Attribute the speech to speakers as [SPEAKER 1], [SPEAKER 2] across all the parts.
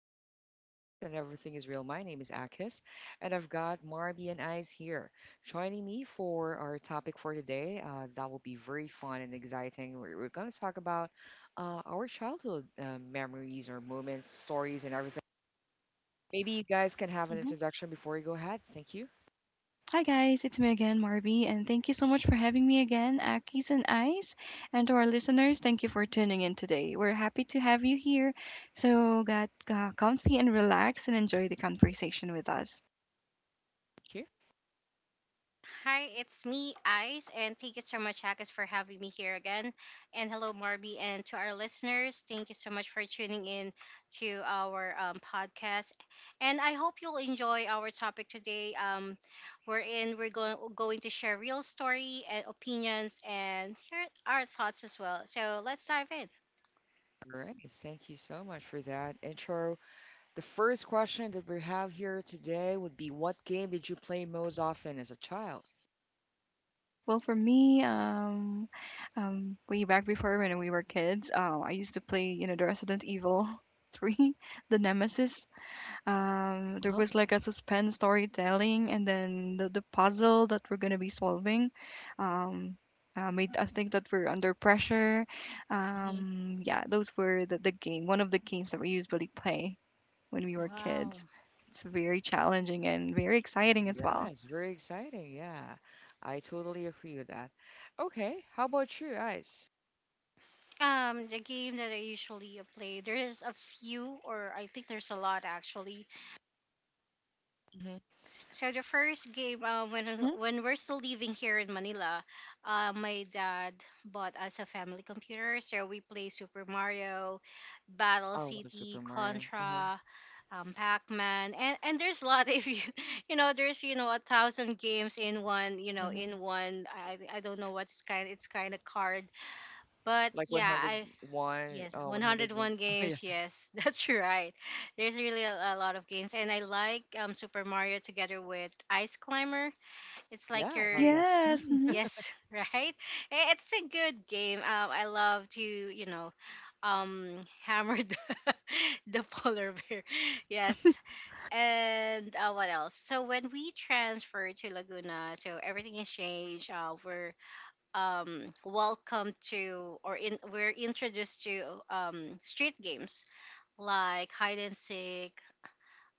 [SPEAKER 1] and the vibes stay smooth and everything is real. My name is Akis and I've got Marby and Eyes here joining me for our topic for today. That will be very fun and exciting. We're going to talk about our childhood memories or moments, stories, and everything. Maybe you guys can have an introduction before we go ahead. Thank you.
[SPEAKER 2] Hi guys, it's me again, Marby, and thank you so much for having me again, Akis and Ice. And to our listeners, thank you for tuning in today. We're happy to have you here. So get comfy and relax and enjoy the conversation with us.
[SPEAKER 1] Thank you.
[SPEAKER 3] Hi, it's me, Ice, and thank you so much, Hakas, for having me here again. And hello, Marby, and to our listeners, thank you so much for tuning in to our podcast. And I hope you'll enjoy our topic today. We're going to share real story and opinions, and here our thoughts as well. So let's dive in.
[SPEAKER 1] All right. Thank you so much for that intro. The first question that we have here today would be, what game did you play most often as a child?
[SPEAKER 2] Well, for me, way back before when we were kids, I used to play, the Resident Evil 3, the Nemesis. There
[SPEAKER 1] Uh-huh.
[SPEAKER 2] was like a suspense storytelling, and then the puzzle that we're gonna be solving. um, Made us think that we're under pressure.
[SPEAKER 1] Mhm.
[SPEAKER 2] Yeah, those were the one of the games that we usually play when we were kids.
[SPEAKER 3] Wow.
[SPEAKER 2] It's very challenging and very exciting as well.
[SPEAKER 1] Yes, very exciting. Yeah, I totally agree with that. Okay, how about you guys?
[SPEAKER 3] The game that I usually play, there is a few, or I think there's a lot actually.
[SPEAKER 1] Mhm.
[SPEAKER 3] So the first game, uh, when
[SPEAKER 2] Hmm.
[SPEAKER 3] when we're still living here in Manila, my dad bought us a family computer, so we play Super Mario, Battle
[SPEAKER 1] I love
[SPEAKER 3] City,
[SPEAKER 1] Super Mario. Uh-huh.
[SPEAKER 3] Contra, Pac-Man, and there's a lot. If you know, there's you know a thousand games in one. You know,
[SPEAKER 1] Mhm.
[SPEAKER 3] in one. I don't know what's kind. It's kind of card, but
[SPEAKER 1] Like
[SPEAKER 3] yeah, I
[SPEAKER 1] 101,
[SPEAKER 3] Yes,
[SPEAKER 1] oh, 101.
[SPEAKER 3] 101
[SPEAKER 1] Oh, yeah.
[SPEAKER 3] games. Yes, that's right. There's really a lot of games, and I like Super Mario together with Ice Climber. It's like
[SPEAKER 1] Yeah, I
[SPEAKER 2] Oh
[SPEAKER 3] your
[SPEAKER 1] love that.
[SPEAKER 2] yes.
[SPEAKER 1] Mm.
[SPEAKER 2] Hmm.
[SPEAKER 3] yes, right? It's a good game. I love to you know, um, hammer the polar bear. Yes, and what else? So when we transferred to Laguna, so everything has changed. We're welcome to or in, we're introduced to street games like hide and seek,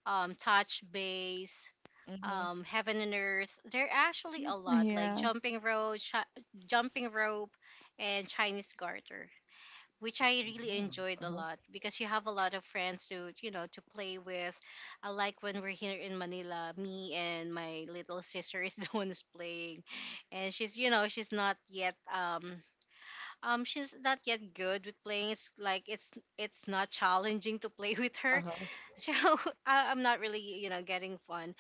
[SPEAKER 3] touch base,
[SPEAKER 1] Mhm.
[SPEAKER 3] heaven and earth. There are actually a lot like
[SPEAKER 2] Yeah,
[SPEAKER 3] jumping rope, jumping rope, and Chinese garter, which I
[SPEAKER 1] Yeah.
[SPEAKER 3] really enjoyed a
[SPEAKER 1] Uh-huh.
[SPEAKER 3] lot because you have a lot of friends to you know to play with. I like when we're here in Manila, me and my little sister is the one who's playing and she's you know she's not yet good with playing. It's like it's not challenging to play with her,
[SPEAKER 1] Uh-huh.
[SPEAKER 3] so I'm not really you know getting fun.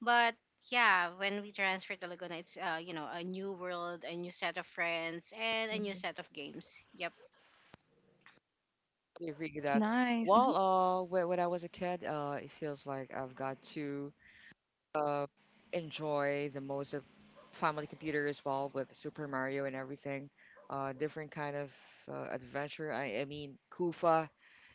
[SPEAKER 3] But yeah, when we transferred to Laguna, it's you know a new world, a new set of friends, and a new
[SPEAKER 1] Mhm.
[SPEAKER 3] set of games. Yep.
[SPEAKER 1] I agree with
[SPEAKER 2] that's
[SPEAKER 1] that.
[SPEAKER 2] nice.
[SPEAKER 1] Well,
[SPEAKER 2] Hmm.
[SPEAKER 1] when I was a kid, it feels like I've got to uh, enjoy the most of family computer as well, with Super Mario and everything. Different kind of adventure. I mean, Kufa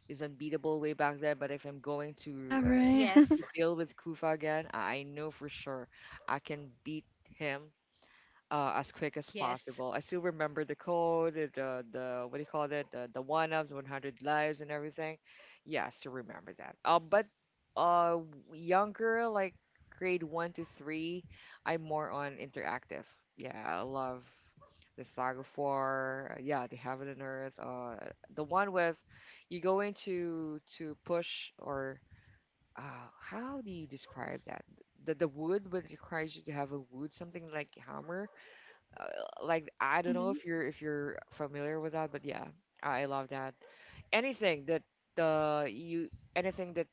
[SPEAKER 1] is unbeatable way back then, but if I'm going
[SPEAKER 2] Yeah, right.
[SPEAKER 3] Yes.
[SPEAKER 1] to deal with Kufa again, I know for sure I can beat him as quick as
[SPEAKER 3] Yes.
[SPEAKER 1] possible. I still remember the code, the what do you call it, the one ups, 100 lives, and everything. Yeah, I still remember that. But uh, younger, like grade one to three, I'm more on interactive. Yeah, I love the Saga Four. Yeah, the Heaven and Earth. The one with you go into to push or how do you describe that? The wood, but it requires you to have a wood, something like hammer, uh, like I don't know
[SPEAKER 2] Hmm.
[SPEAKER 1] if you're familiar with that, but yeah, I love that. Anything that you anything that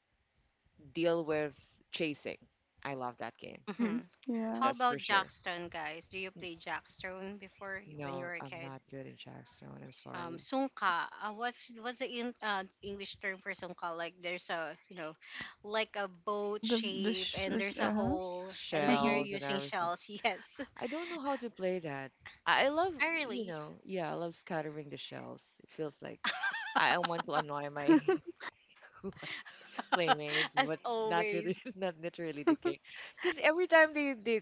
[SPEAKER 1] deal with chasing, I love that game.
[SPEAKER 3] hmm
[SPEAKER 2] Hmm. Yeah,
[SPEAKER 3] How
[SPEAKER 1] That's for
[SPEAKER 3] about
[SPEAKER 1] sure.
[SPEAKER 3] Jackstone, guys? Do you
[SPEAKER 1] N-
[SPEAKER 3] play Jackstone when you
[SPEAKER 1] No,
[SPEAKER 3] were a
[SPEAKER 1] I'm
[SPEAKER 3] kid?
[SPEAKER 1] not good in Jackstone. I'm sorry.
[SPEAKER 3] Sungka. What's the in, English term for sungka? Like there's a you know like a boat shape and there's a
[SPEAKER 1] E-
[SPEAKER 2] uh
[SPEAKER 3] hole and then you're
[SPEAKER 2] huh,
[SPEAKER 1] Shells and
[SPEAKER 3] using
[SPEAKER 1] everything.
[SPEAKER 3] shells. Yes,
[SPEAKER 1] I don't know how to play that. I love, you
[SPEAKER 3] early.
[SPEAKER 1] know, yeah, I love scattering the shells. It feels like I want to annoy my
[SPEAKER 2] uh
[SPEAKER 1] wife playmates,
[SPEAKER 3] As
[SPEAKER 1] but not really,
[SPEAKER 3] always.
[SPEAKER 1] not literally the
[SPEAKER 2] huh.
[SPEAKER 1] king. Because every time they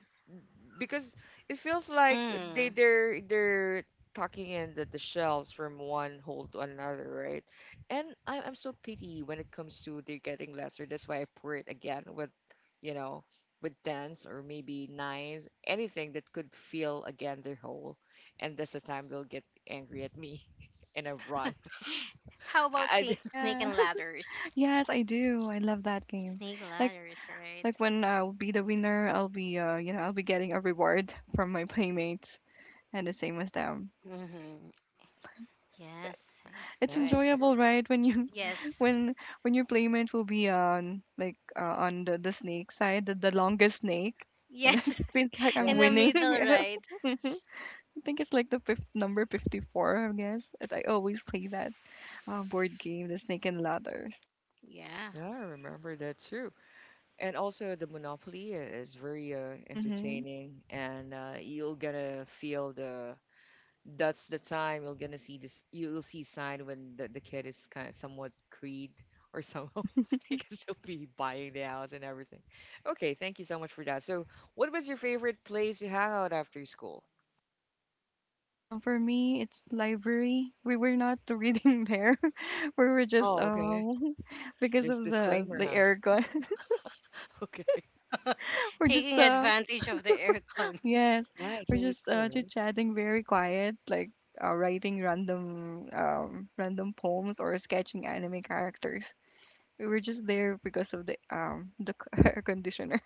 [SPEAKER 1] because it feels like they
[SPEAKER 3] Mm.
[SPEAKER 1] they're they're talking in the shells from one hole to another, right? And I'm so pity when it comes to they're getting lesser. That's why I pour it again with, you know, with tens or maybe nines, anything that could fill again their hole, and that's the time they'll get angry at me, and I run.
[SPEAKER 3] How about
[SPEAKER 1] I
[SPEAKER 3] snake
[SPEAKER 2] Yeah.
[SPEAKER 3] and ladders?
[SPEAKER 2] Yes, I do. I love that game.
[SPEAKER 3] Snake
[SPEAKER 2] Like
[SPEAKER 3] ladders, right?
[SPEAKER 2] like when I'll be the winner, I'll be I'll be getting a reward from my playmates and the same as them.
[SPEAKER 3] mm-hmm. Yes, it's
[SPEAKER 2] It's
[SPEAKER 3] good.
[SPEAKER 1] yes, I love
[SPEAKER 2] enjoyable, right? When you,
[SPEAKER 1] them.
[SPEAKER 3] Yes.
[SPEAKER 2] when when your playmate will be on like on the snake side, the longest snake, and it
[SPEAKER 3] Yes.
[SPEAKER 2] feels like I'm
[SPEAKER 3] In the
[SPEAKER 1] Yes.
[SPEAKER 2] winning.
[SPEAKER 3] middle, right?
[SPEAKER 2] Mhm. I think it's like the fifth number 54, I guess. And I always play that board game, the Snake and Ladders.
[SPEAKER 3] Yeah,
[SPEAKER 1] Yeah, I remember that too. And also the Monopoly is very
[SPEAKER 2] Hmm.
[SPEAKER 1] entertaining, and you'll gonna feel the that's the time you'll see sign when the kid is kind of somewhat greed or somehow, because he'll be buying the house and everything. Okay, thank you so much for that. So, what was your favorite place to hang out after school?
[SPEAKER 2] For me, it's library. We were not reading there. We were just
[SPEAKER 1] Oh, okay.
[SPEAKER 2] because
[SPEAKER 1] There's
[SPEAKER 2] of the
[SPEAKER 1] disclaimer,
[SPEAKER 2] the
[SPEAKER 1] huh?
[SPEAKER 2] aircon.
[SPEAKER 1] Okay.
[SPEAKER 2] We're just
[SPEAKER 3] taking advantage of the aircon.
[SPEAKER 2] yes,
[SPEAKER 1] Yeah, it's
[SPEAKER 2] we're
[SPEAKER 1] always
[SPEAKER 2] just
[SPEAKER 1] cold,
[SPEAKER 2] chit
[SPEAKER 1] right?
[SPEAKER 2] chatting very quiet, like writing random random poems or sketching anime characters. We were just there because of the air conditioner.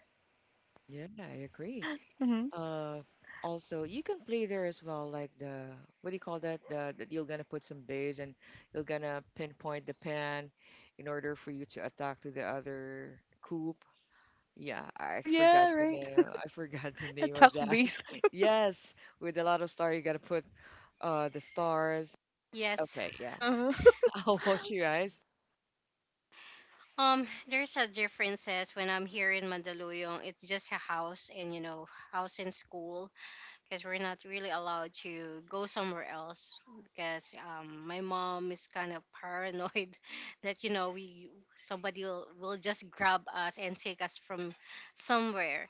[SPEAKER 1] Yeah, I agree.
[SPEAKER 2] Hmm.
[SPEAKER 1] Uh, also, you can play there as well, like the what do you call that? The you're gonna put some base and you're gonna pinpoint the pan in order for you to attack to the other coop. Yeah, I
[SPEAKER 2] Oh
[SPEAKER 1] forgot
[SPEAKER 2] yeah,
[SPEAKER 1] the
[SPEAKER 2] right.
[SPEAKER 1] name. I forgot the name
[SPEAKER 2] Attack
[SPEAKER 1] of that.
[SPEAKER 2] base.
[SPEAKER 1] Yes, with a lot of star, you gotta put the stars.
[SPEAKER 3] Yes.
[SPEAKER 1] Okay, yeah.
[SPEAKER 2] Uh-huh.
[SPEAKER 1] I'll watch you guys.
[SPEAKER 3] There's a differences when I'm here in Mandaluyong. It's just a house and you know house and school because we're not really allowed to go somewhere else because my mom is kind of paranoid that you know we somebody will just grab us and take us from somewhere.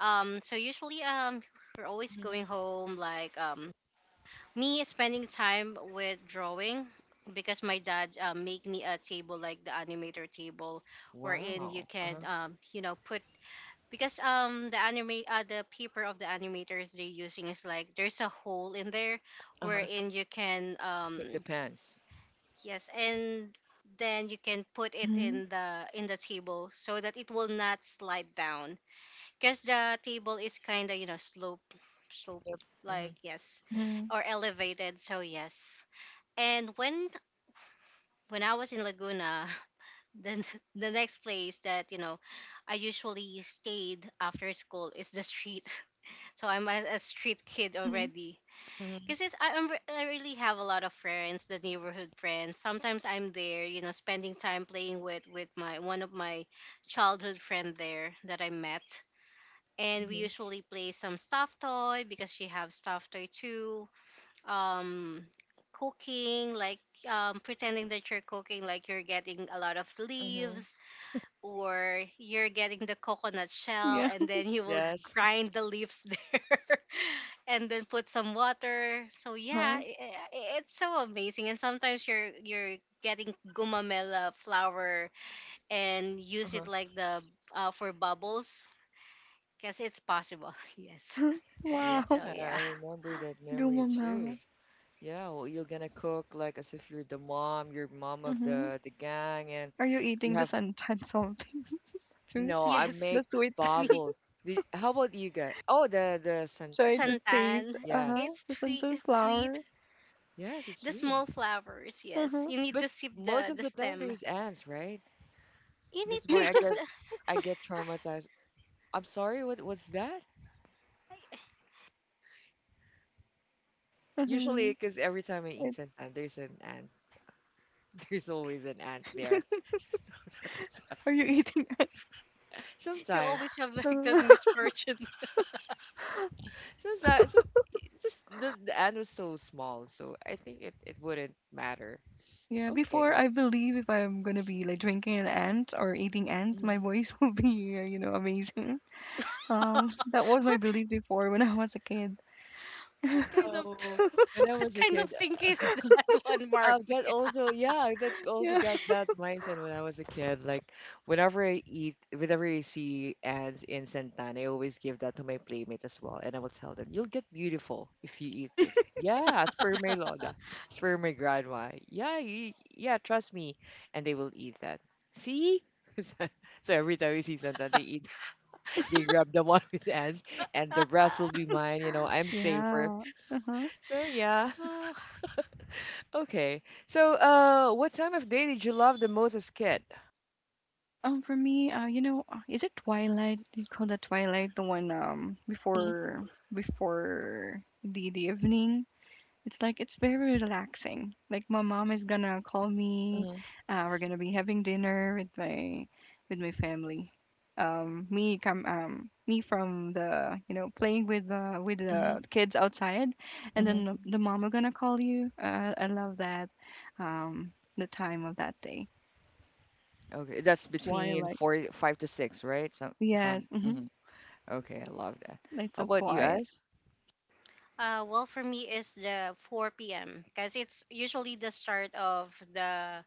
[SPEAKER 3] Usually we're always
[SPEAKER 1] Mhm.
[SPEAKER 3] going home like me spending time with drawing because my dad make me a table like the animator table wherein you
[SPEAKER 1] Wow.
[SPEAKER 3] can
[SPEAKER 1] Uh-huh.
[SPEAKER 3] you know put because the anime the paper of the animators they're using is like there's a hole in there
[SPEAKER 1] Uh-huh.
[SPEAKER 3] wherein you can
[SPEAKER 1] Put the pants.
[SPEAKER 3] yes and then you can put it
[SPEAKER 2] Mhm.
[SPEAKER 3] in the table so that it will not slide down because the table is kind of you know slope
[SPEAKER 1] Yep. Mm-hmm.
[SPEAKER 3] like yes
[SPEAKER 2] Mhm.
[SPEAKER 3] or elevated so yes and when I was in Laguna, then the next place that you know I usually stayed after school is the street. So I'm a street kid
[SPEAKER 2] Mhm.
[SPEAKER 3] already.
[SPEAKER 1] Mm-hmm.
[SPEAKER 3] Because I am I really have a lot of friends, the neighborhood friends. Sometimes I'm there, you know, spending time playing with my one of my childhood friend there that I met. And we
[SPEAKER 1] Mm-hmm.
[SPEAKER 3] usually play some stuffed toy because she have stuffed toy too um cooking like pretending that you're cooking like you're getting a lot of
[SPEAKER 1] Mm-hmm.
[SPEAKER 3] leaves or you're getting the coconut shell
[SPEAKER 2] Yeah.
[SPEAKER 3] and then you will
[SPEAKER 1] Yes.
[SPEAKER 3] grind the leaves there and then put some water so
[SPEAKER 2] Uh
[SPEAKER 3] yeah
[SPEAKER 2] huh.
[SPEAKER 3] it's so amazing and sometimes you're getting gumamela flower and use it like the for bubbles because it's possible. Yes.
[SPEAKER 1] Yeah,
[SPEAKER 2] Wow.
[SPEAKER 3] So yeah.
[SPEAKER 1] I remember that memory too.
[SPEAKER 2] Lumamang.
[SPEAKER 1] Yeah, well, you're gonna cook like as if you're the mom, you're mom of
[SPEAKER 2] Mhm.
[SPEAKER 1] the gang, and
[SPEAKER 2] Are you
[SPEAKER 1] you
[SPEAKER 2] eating the
[SPEAKER 1] have
[SPEAKER 2] santan something too?
[SPEAKER 1] no. I
[SPEAKER 3] Yes.
[SPEAKER 1] make
[SPEAKER 2] The sweet.
[SPEAKER 3] Me.
[SPEAKER 1] bubbles. The, how about you guys? Oh, the
[SPEAKER 2] I
[SPEAKER 1] san,
[SPEAKER 2] try to
[SPEAKER 1] san-
[SPEAKER 3] Santan.
[SPEAKER 2] taste. Uh huh.
[SPEAKER 1] yes,
[SPEAKER 3] It's
[SPEAKER 2] The
[SPEAKER 3] sweet.
[SPEAKER 2] santan
[SPEAKER 3] It's sweet.
[SPEAKER 2] flour.
[SPEAKER 1] yes, it's
[SPEAKER 3] The
[SPEAKER 1] sweet.
[SPEAKER 3] small flowers.
[SPEAKER 2] Uh
[SPEAKER 3] Yes,
[SPEAKER 2] huh.
[SPEAKER 3] you need to
[SPEAKER 1] But
[SPEAKER 3] sip
[SPEAKER 1] most of
[SPEAKER 3] the
[SPEAKER 1] the time
[SPEAKER 3] stem.
[SPEAKER 1] there's ants, right?
[SPEAKER 3] You need
[SPEAKER 1] That's why
[SPEAKER 3] to
[SPEAKER 2] Yeah.
[SPEAKER 3] just.
[SPEAKER 1] I get traumatized. I'm sorry, what what's that? Usually,
[SPEAKER 2] Mhm.
[SPEAKER 1] because every time I
[SPEAKER 2] It,
[SPEAKER 1] eat an ant, there's an ant. There's always an ant there. So that's why.
[SPEAKER 2] are you eating?
[SPEAKER 3] You
[SPEAKER 1] Sometimes.
[SPEAKER 3] always have like that
[SPEAKER 2] Uh-huh.
[SPEAKER 3] misfortune.
[SPEAKER 1] So that so it just the end was so small, so I think it it wouldn't matter.
[SPEAKER 2] Yeah. Before
[SPEAKER 1] Okay.
[SPEAKER 2] I believe if I'm gonna be like drinking an ant or eating ants, my
[SPEAKER 1] Hmm.
[SPEAKER 2] voice will be amazing.
[SPEAKER 3] what
[SPEAKER 2] That was my
[SPEAKER 3] what
[SPEAKER 2] belief before when I was a kid.
[SPEAKER 3] kind of
[SPEAKER 1] Oh, when I
[SPEAKER 3] what
[SPEAKER 1] was a
[SPEAKER 3] kind of
[SPEAKER 1] kid,
[SPEAKER 3] thing is that one,
[SPEAKER 1] I've got
[SPEAKER 3] Marvia?
[SPEAKER 1] also, yeah, I did also
[SPEAKER 2] Yeah.
[SPEAKER 1] got that mindset when I was a kid. Like, whenever I eat, whenever I see ants in santan, I always give that to my playmate as well, and I will tell them, "You'll get beautiful if you eat this." Yeah, as per my lola, as per my grandma. Yeah, yeah, trust me, and they will eat that. See? So so every time we see santan, they eat. They grab the one with ants, and the rest will be mine. You know, I'm safer.
[SPEAKER 2] Yeah. Uh huh.
[SPEAKER 1] So yeah.
[SPEAKER 3] Oh,
[SPEAKER 1] Okay. So, what time of day did you love the most as kid?
[SPEAKER 2] For me, is it Twilight? Do you call that Twilight? The one
[SPEAKER 1] Mhm,
[SPEAKER 2] before the evening. It's like it's very relaxing. Like my mom is gonna call me.
[SPEAKER 1] mhm,
[SPEAKER 2] We're gonna be having dinner with my family. Me come me from the playing with the with
[SPEAKER 1] mhm,
[SPEAKER 2] the kids outside, and
[SPEAKER 1] mhm.
[SPEAKER 2] then the mom are gonna call you. I love that. The time of that day.
[SPEAKER 1] Okay, that's between
[SPEAKER 2] Twilight.
[SPEAKER 1] four, five to six, right? So, if I'm,
[SPEAKER 2] Yes. Mm-hmm.
[SPEAKER 1] hmm. Okay, I love that.
[SPEAKER 2] It's
[SPEAKER 1] How
[SPEAKER 2] so
[SPEAKER 1] about you
[SPEAKER 2] quiet.
[SPEAKER 1] guys?
[SPEAKER 3] well, for me is the 4 p.m. because it's usually the start of the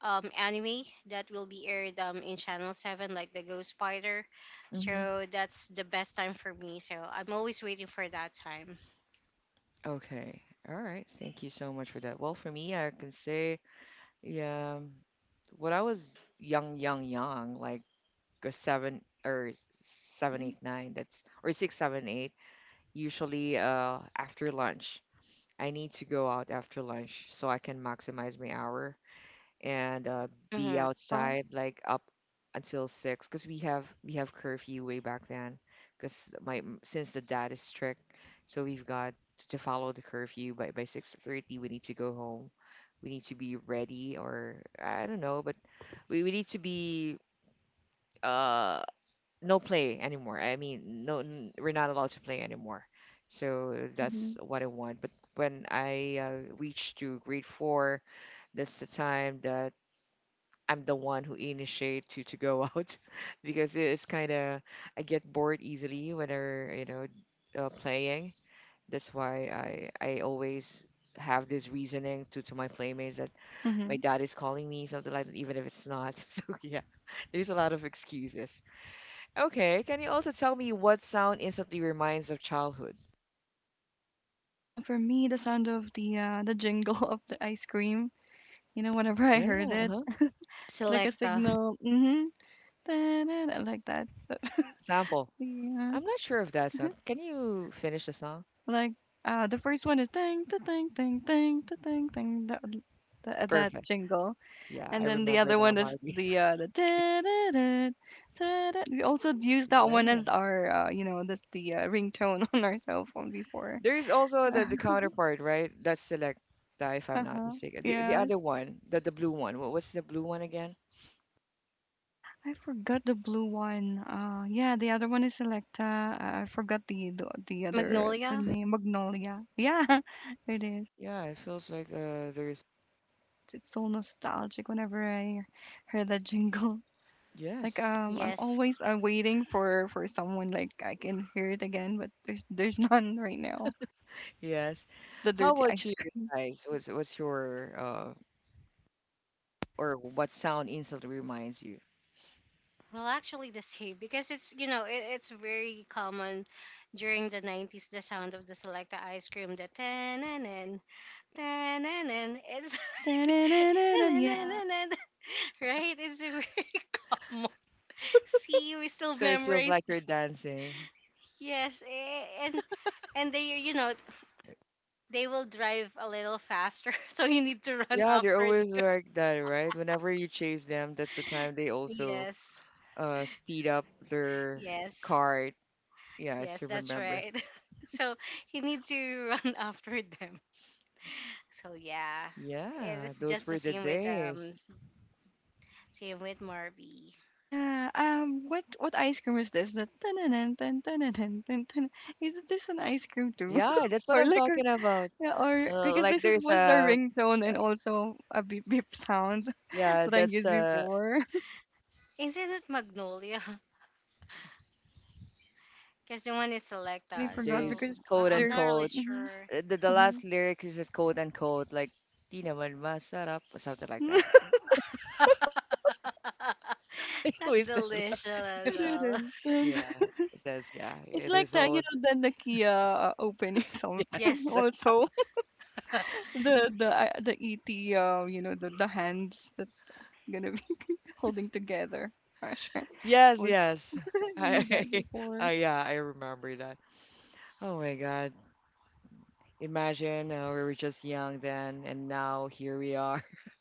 [SPEAKER 3] anime that will be aired in Channel 7, like the Ghost Spider.
[SPEAKER 1] Mhm.
[SPEAKER 3] So that's the best time for me. So I'm always waiting for that time.
[SPEAKER 1] Okay. All right. Thank you so much for that. Well, for me, I can say, yeah, when I was young, young, young, like a seven seven,
[SPEAKER 2] Mhm.
[SPEAKER 1] eight, nine, that's or six, seven, eight, usually after lunch. I need to go out after lunch so I can maximize my hour and be
[SPEAKER 3] Hmm
[SPEAKER 2] Uh-huh.
[SPEAKER 1] outside like up until six, because we have curfew way back then. Because my since the dad is strict, so we've got to follow the curfew. By 6:30 we need to go home, we need to be ready or I don't know, but we need to be uh no play anymore. I mean, no, we're not allowed to play anymore. So that's
[SPEAKER 2] Mhm.
[SPEAKER 1] what I want. But when I reached to grade four, that's the time that I'm the one who initiate to go out, because it's kind of I get bored easily when I you know playing. That's why I always have this reasoning to my playmates that my
[SPEAKER 2] Mhm.
[SPEAKER 1] dad is calling me, something like that, even if it's not. So yeah, there's a lot of excuses. Okay, can you also tell me what sound instantly reminds of childhood?
[SPEAKER 2] For me, the sound of the jingle of the ice cream. You know, whenever I
[SPEAKER 1] Yeah,
[SPEAKER 2] heard it,
[SPEAKER 1] uh-huh.
[SPEAKER 2] like a
[SPEAKER 3] Selecta.
[SPEAKER 2] signal. Mhm. Da-da-da, like that.
[SPEAKER 1] Sample.
[SPEAKER 2] Yeah.
[SPEAKER 1] I'm not sure of that song. Can you finish the song?
[SPEAKER 2] Like the first one is ding, da ding, ding, ding, da ding, ding. That
[SPEAKER 1] Perfect.
[SPEAKER 2] jingle,
[SPEAKER 1] Yeah, I
[SPEAKER 2] and then the
[SPEAKER 1] remember
[SPEAKER 2] other
[SPEAKER 1] now,
[SPEAKER 2] one is
[SPEAKER 1] Marvy.
[SPEAKER 2] the da da da da da. We also used that one
[SPEAKER 1] Yeah.
[SPEAKER 2] as our that's the ringtone on our cell phone before.
[SPEAKER 1] There's also the counterpart, right? That's select that if I'm not
[SPEAKER 2] Uh-huh.
[SPEAKER 1] mistaken. The
[SPEAKER 2] Yes.
[SPEAKER 1] other one, the blue one. What, what's the blue one again?
[SPEAKER 2] I forgot the blue one. Yeah, the other one is Selecta. I forgot the
[SPEAKER 3] Magnolia?
[SPEAKER 2] name Magnolia. Yeah, it is.
[SPEAKER 1] Yeah, it feels like there's
[SPEAKER 2] It's so nostalgic whenever I hear that jingle. Like
[SPEAKER 1] yes.
[SPEAKER 2] I'm
[SPEAKER 3] Yes.
[SPEAKER 2] always waiting for someone like I can hear it again, but there's none right now.
[SPEAKER 1] Yes.
[SPEAKER 2] Just the
[SPEAKER 1] How
[SPEAKER 2] dirty
[SPEAKER 1] about
[SPEAKER 2] ice
[SPEAKER 1] you
[SPEAKER 2] cream.
[SPEAKER 1] guys? What's your or what sound instantly reminds you?
[SPEAKER 3] Well, actually, the same because it's, you know, it's very common during the 90s, the sound of the Selecta ice cream, the tan-nan-nan, tan-nan-nan. It's
[SPEAKER 2] Yeah.
[SPEAKER 3] right? It's very common. See, we still
[SPEAKER 1] So it feels
[SPEAKER 3] memorize.
[SPEAKER 1] like you're dancing.
[SPEAKER 3] Yes, eh, and they you know they will drive a little faster, so you need to run
[SPEAKER 1] Yeah, they're
[SPEAKER 3] after them.
[SPEAKER 1] always like that, right? Whenever you chase them, that's the time they also
[SPEAKER 3] Yes,
[SPEAKER 1] speed up their
[SPEAKER 3] yes,
[SPEAKER 1] cart. Yeah, I
[SPEAKER 3] yes,
[SPEAKER 1] still
[SPEAKER 3] that's
[SPEAKER 1] remember.
[SPEAKER 3] right. So you need to run after them. So yeah. Eh,
[SPEAKER 1] Yeah,
[SPEAKER 3] it's
[SPEAKER 1] those
[SPEAKER 3] just the
[SPEAKER 1] were the days.
[SPEAKER 3] same with Marby.
[SPEAKER 2] Yeah. What ice cream is this? The tan tan tan. Is this an ice cream too?
[SPEAKER 1] Yeah, that's what
[SPEAKER 2] Or
[SPEAKER 1] I'm
[SPEAKER 2] like a,
[SPEAKER 1] talking about.
[SPEAKER 2] yeah, or because
[SPEAKER 1] Like
[SPEAKER 2] this is
[SPEAKER 1] there's
[SPEAKER 2] was the
[SPEAKER 1] a
[SPEAKER 2] ringtone and also a beep beep sound
[SPEAKER 1] yeah,
[SPEAKER 2] that I
[SPEAKER 1] that's
[SPEAKER 2] used before.
[SPEAKER 3] Isn't it Magnolia? Because the one is
[SPEAKER 2] I really
[SPEAKER 3] Selecta,
[SPEAKER 2] forgot
[SPEAKER 3] so
[SPEAKER 1] there's
[SPEAKER 2] because
[SPEAKER 1] quote
[SPEAKER 3] I'm
[SPEAKER 2] they're.
[SPEAKER 3] not really
[SPEAKER 1] unquote
[SPEAKER 2] Hmm.
[SPEAKER 3] sure.
[SPEAKER 1] the
[SPEAKER 2] Hmm.
[SPEAKER 1] last lyric is a quote unquote, like Di naman masarap or something like that. Who
[SPEAKER 3] Not
[SPEAKER 1] is that?
[SPEAKER 3] delicious at all.
[SPEAKER 1] Yeah, it says yeah.
[SPEAKER 2] It's
[SPEAKER 1] It
[SPEAKER 2] like
[SPEAKER 1] is
[SPEAKER 2] the you
[SPEAKER 1] always
[SPEAKER 2] know the Kia opening something
[SPEAKER 3] Yes,
[SPEAKER 1] yes.
[SPEAKER 2] also the ET the hands that gonna be holding together. Gosh.
[SPEAKER 1] Yes, yes.
[SPEAKER 2] We
[SPEAKER 1] I,
[SPEAKER 2] back before.
[SPEAKER 1] yeah, I remember that. Oh my God. Imagine we were just young then, and now here we are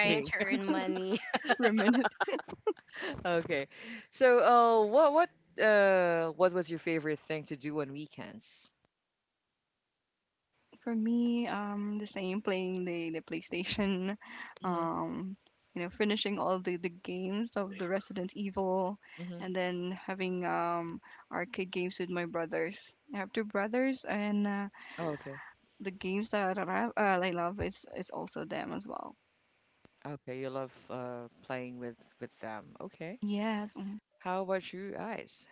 [SPEAKER 2] Yeah,
[SPEAKER 3] to earn money.
[SPEAKER 2] reminisce.
[SPEAKER 1] Okay. So, uh, what was your favorite thing to do on weekends?
[SPEAKER 2] For me, the same playing the PlayStation,
[SPEAKER 1] Mm-hmm.
[SPEAKER 2] um, finishing all the games of the Resident Evil,
[SPEAKER 1] Mm-hmm.
[SPEAKER 2] and then having arcade games with my brothers. I have two brothers, and
[SPEAKER 1] Oh, okay.
[SPEAKER 2] the games that I love, is it's also them as well.
[SPEAKER 1] Okay. You love playing with them. Okay.
[SPEAKER 2] Yes. Mhm.
[SPEAKER 1] How about you guys?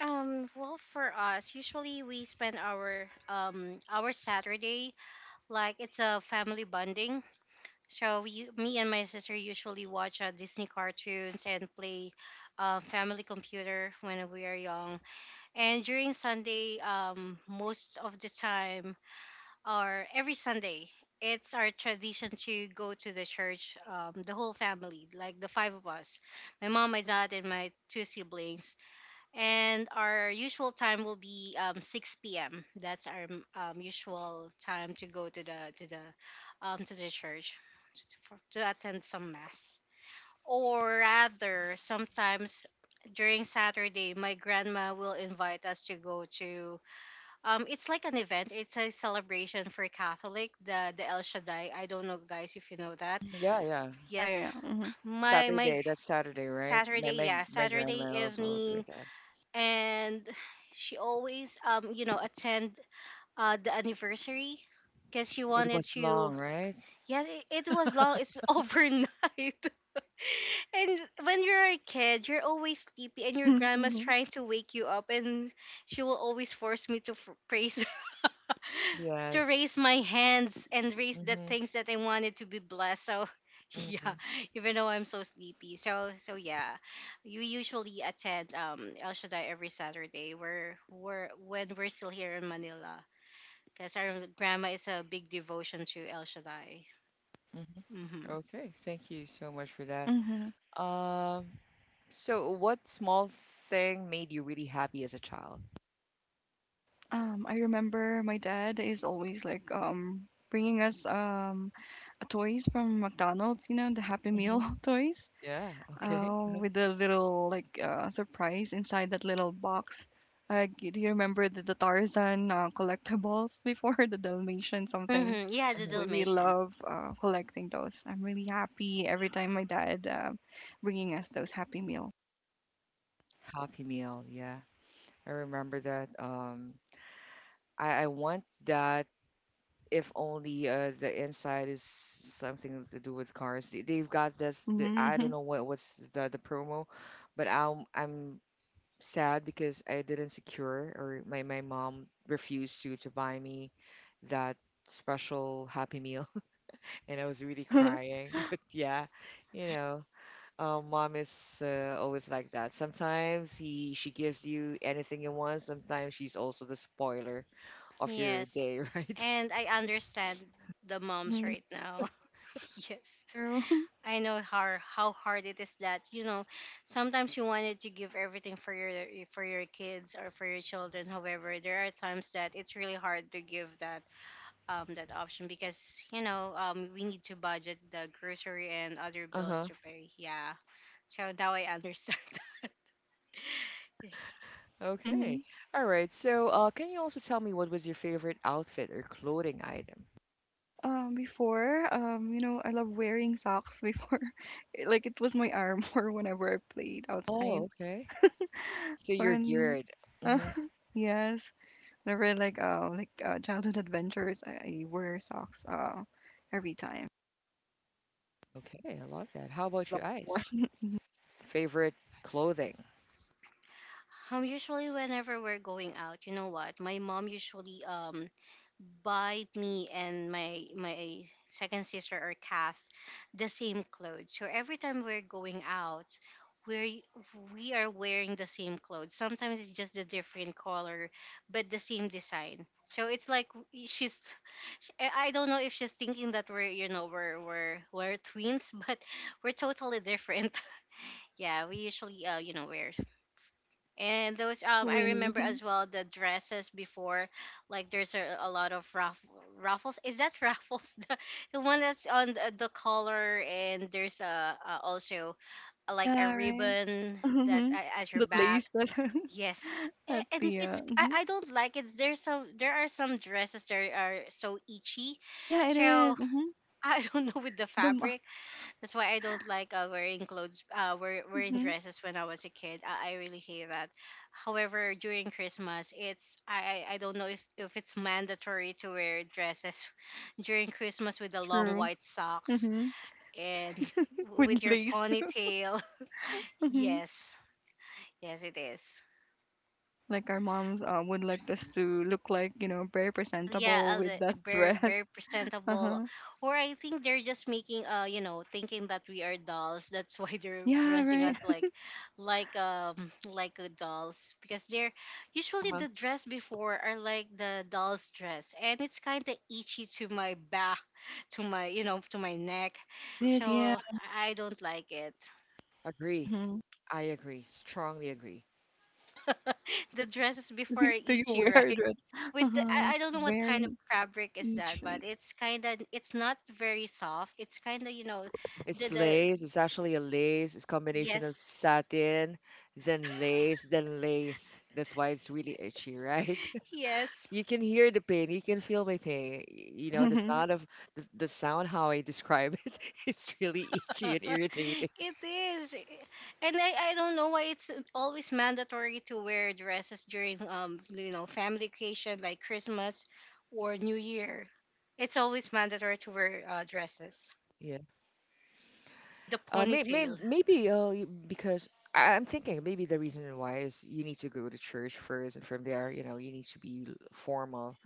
[SPEAKER 3] Well, for us, usually we spend our Saturday like it's a family bonding. So we, me and my sister usually watch Disney cartoons and play family computer when we are young. And during Sunday, most of the time or every Sunday, it's our tradition to go to the church. The whole family, like the five of us, my mom, my dad, and my two siblings and our usual time will be 6 p.m. That's our usual time to go to the to the church to, for, to attend some mass. Or rather, sometimes during Saturday, my grandma will invite us to go to. It's like an event. It's a celebration for Catholic, the El Shaddai. I don't know, guys, if you know that.
[SPEAKER 1] Yeah, yeah.
[SPEAKER 2] Yeah, yeah,
[SPEAKER 3] Yes,
[SPEAKER 2] yeah. Mhm.
[SPEAKER 3] my
[SPEAKER 1] Saturday. That's Saturday, right? My
[SPEAKER 3] Saturday,
[SPEAKER 1] my
[SPEAKER 3] yeah,
[SPEAKER 1] my
[SPEAKER 3] Saturday
[SPEAKER 1] grandma also
[SPEAKER 3] evening
[SPEAKER 1] doing that.
[SPEAKER 3] and she always you know attend the anniversary because she
[SPEAKER 1] It
[SPEAKER 3] wanted
[SPEAKER 1] was
[SPEAKER 3] to
[SPEAKER 1] long, right?
[SPEAKER 3] yeah it was long it's overnight. And when you're a kid you're always sleepy and your grandma's
[SPEAKER 2] Mhm.
[SPEAKER 3] trying to wake you up and she will always force me to praise to
[SPEAKER 1] Yes.
[SPEAKER 3] raise my hands and raise the
[SPEAKER 1] Mhm,
[SPEAKER 3] things that I wanted to be blessed. So yeah,
[SPEAKER 1] mhm,
[SPEAKER 3] even though I'm so sleepy. So so yeah, you usually attend El Shaddai every Saturday. We're when we're still here in Manila because our grandma is a big devotion to El Shaddai.
[SPEAKER 1] mhm.
[SPEAKER 3] Mm-hmm.
[SPEAKER 1] Okay, thank you so much for that.
[SPEAKER 2] Mhm.
[SPEAKER 1] Um, so what small thing made you really happy as a child?
[SPEAKER 2] I remember my dad is always like bringing us toys from McDonald's, the Happy
[SPEAKER 1] Hmm.
[SPEAKER 2] Meal toys,
[SPEAKER 1] Yeah, okay.
[SPEAKER 2] with the little like surprise inside that little box. Do you remember the Tarzan collectibles before the Dalmatian something?
[SPEAKER 3] Mm-hmm. Yeah, the
[SPEAKER 1] Uh-huh.
[SPEAKER 2] We
[SPEAKER 3] Dalmatian.
[SPEAKER 2] love collecting those. I'm really happy every time my dad bringing us those Happy Meal.
[SPEAKER 1] Happy Meal, yeah. I remember that. I want that if only the inside is something to do with cars. They, they've got this, the, I don't
[SPEAKER 2] Hmm.
[SPEAKER 1] know what what's the promo, but I'm sad because I didn't secure, or my mom refused to buy me that special happy meal and I was really crying. But yeah, you know, mom is always like that. Sometimes he she gives you anything you want. Sometimes she's also the spoiler of your
[SPEAKER 3] Yes,
[SPEAKER 1] day, right?
[SPEAKER 3] and I understand the moms
[SPEAKER 2] Hmm.
[SPEAKER 3] right now. Yes.
[SPEAKER 2] True.
[SPEAKER 3] I know how hard it is that you know sometimes you wanted to give everything for your kids or for your children. However, there are times that it's really hard to give that that option because you know we need to budget the grocery and other bills
[SPEAKER 1] Uh-huh.
[SPEAKER 3] to pay. Yeah, so now I understand.
[SPEAKER 1] Okay.
[SPEAKER 2] Mhm.
[SPEAKER 1] All right. So, can you also tell me what was your favorite outfit or clothing item?
[SPEAKER 2] Before, I love wearing socks before. Like it was my armor whenever I played
[SPEAKER 1] Oh,
[SPEAKER 2] outside.
[SPEAKER 1] okay. So
[SPEAKER 2] Or
[SPEAKER 1] you're
[SPEAKER 2] n
[SPEAKER 1] geared. Mm-hmm.
[SPEAKER 2] Yes. Never like, childhood adventures, I wear socks, every time.
[SPEAKER 1] Okay, I love that. How
[SPEAKER 2] A
[SPEAKER 1] about
[SPEAKER 2] long
[SPEAKER 1] your eyes?
[SPEAKER 2] one.
[SPEAKER 1] Favorite clothing?
[SPEAKER 3] Usually whenever we're going out, you know what? My mom usually buy me and my second sister or Kath the same clothes. So every time we're going out, we're we are wearing the same clothes. Sometimes it's just a different color, but the same design. So it's like she's I don't know if she's thinking that we're you know we're twins, but we're totally different. Yeah, we usually you know wear and those
[SPEAKER 2] To
[SPEAKER 3] I
[SPEAKER 2] Winnie.
[SPEAKER 3] remember as well the dresses before like there's a lot of raffles. Is that raffles? The one that's on the collar and there's a also like a
[SPEAKER 2] Yeah, right.
[SPEAKER 3] ribbon that
[SPEAKER 2] Mhm.
[SPEAKER 3] at your
[SPEAKER 2] The lace
[SPEAKER 3] back.
[SPEAKER 2] that
[SPEAKER 3] Yes.
[SPEAKER 2] at
[SPEAKER 3] A- and
[SPEAKER 2] the,
[SPEAKER 3] it's
[SPEAKER 2] mhm.
[SPEAKER 3] I don't like it. There's some there are some dresses that are so itchy
[SPEAKER 2] Yeah, it is.
[SPEAKER 3] so
[SPEAKER 2] Mhm.
[SPEAKER 3] I don't know with the
[SPEAKER 2] The ma
[SPEAKER 3] fabric that's why I don't like wearing
[SPEAKER 2] Mhm.
[SPEAKER 3] dresses when I was a kid. I really hate that. However, during Christmas, it's I don't know if it's mandatory to wear dresses during Christmas with the long
[SPEAKER 2] True.
[SPEAKER 3] white socks
[SPEAKER 2] Mhm.
[SPEAKER 3] and
[SPEAKER 2] With
[SPEAKER 3] with your
[SPEAKER 2] lace.
[SPEAKER 3] ponytail.
[SPEAKER 2] Mhm.
[SPEAKER 3] Yes, yes, it is.
[SPEAKER 2] Like our moms, would like us to look like, very
[SPEAKER 3] Yeah, a
[SPEAKER 2] presentable with
[SPEAKER 3] a
[SPEAKER 2] that
[SPEAKER 3] very,
[SPEAKER 2] dress.
[SPEAKER 3] very presentable.
[SPEAKER 2] Uh-huh.
[SPEAKER 3] Or I think they're just making, thinking that we are dolls. That's why they're
[SPEAKER 2] Yeah,
[SPEAKER 3] dressing us
[SPEAKER 2] right.
[SPEAKER 3] like, like um like dolls, because they're usually
[SPEAKER 1] Uh-huh.
[SPEAKER 3] the dress before are like the doll's dress and it's kind of itchy to my back, to my, to my neck.
[SPEAKER 2] It is, yeah.
[SPEAKER 3] So I don't like it.
[SPEAKER 1] Agree.
[SPEAKER 2] Mhm.
[SPEAKER 1] I agree. Strongly agree.
[SPEAKER 3] The dresses before are
[SPEAKER 2] Do you
[SPEAKER 3] itchy,
[SPEAKER 2] wear
[SPEAKER 3] right?
[SPEAKER 2] that?
[SPEAKER 3] With the,
[SPEAKER 2] Uh-huh.
[SPEAKER 3] I
[SPEAKER 2] It's
[SPEAKER 3] don't know what kind of
[SPEAKER 2] very
[SPEAKER 3] fabric is that, but
[SPEAKER 2] itchy.
[SPEAKER 3] it's kind of, it's not very soft it's Kind of, you know
[SPEAKER 1] It's
[SPEAKER 3] the
[SPEAKER 1] lace. It's actually a lace. It's combination of
[SPEAKER 3] yes,
[SPEAKER 1] satin, then lace, then lace. That's why it's really itchy, right?
[SPEAKER 3] yes.
[SPEAKER 1] You can hear the pain. You can feel my pain. You know, the
[SPEAKER 2] Mhm.
[SPEAKER 1] sound of the sound how I describe it, it's really itchy and irritating.
[SPEAKER 3] It is. And I don't know why it's always mandatory to wear dresses during, family occasion like Christmas or New Year. It's always mandatory to wear dresses, the
[SPEAKER 1] Uh, may, may,
[SPEAKER 3] ponytail.
[SPEAKER 1] maybe uh, y- because I'm thinking maybe the reason why is you need to go to church first, and from there, you need to be formal.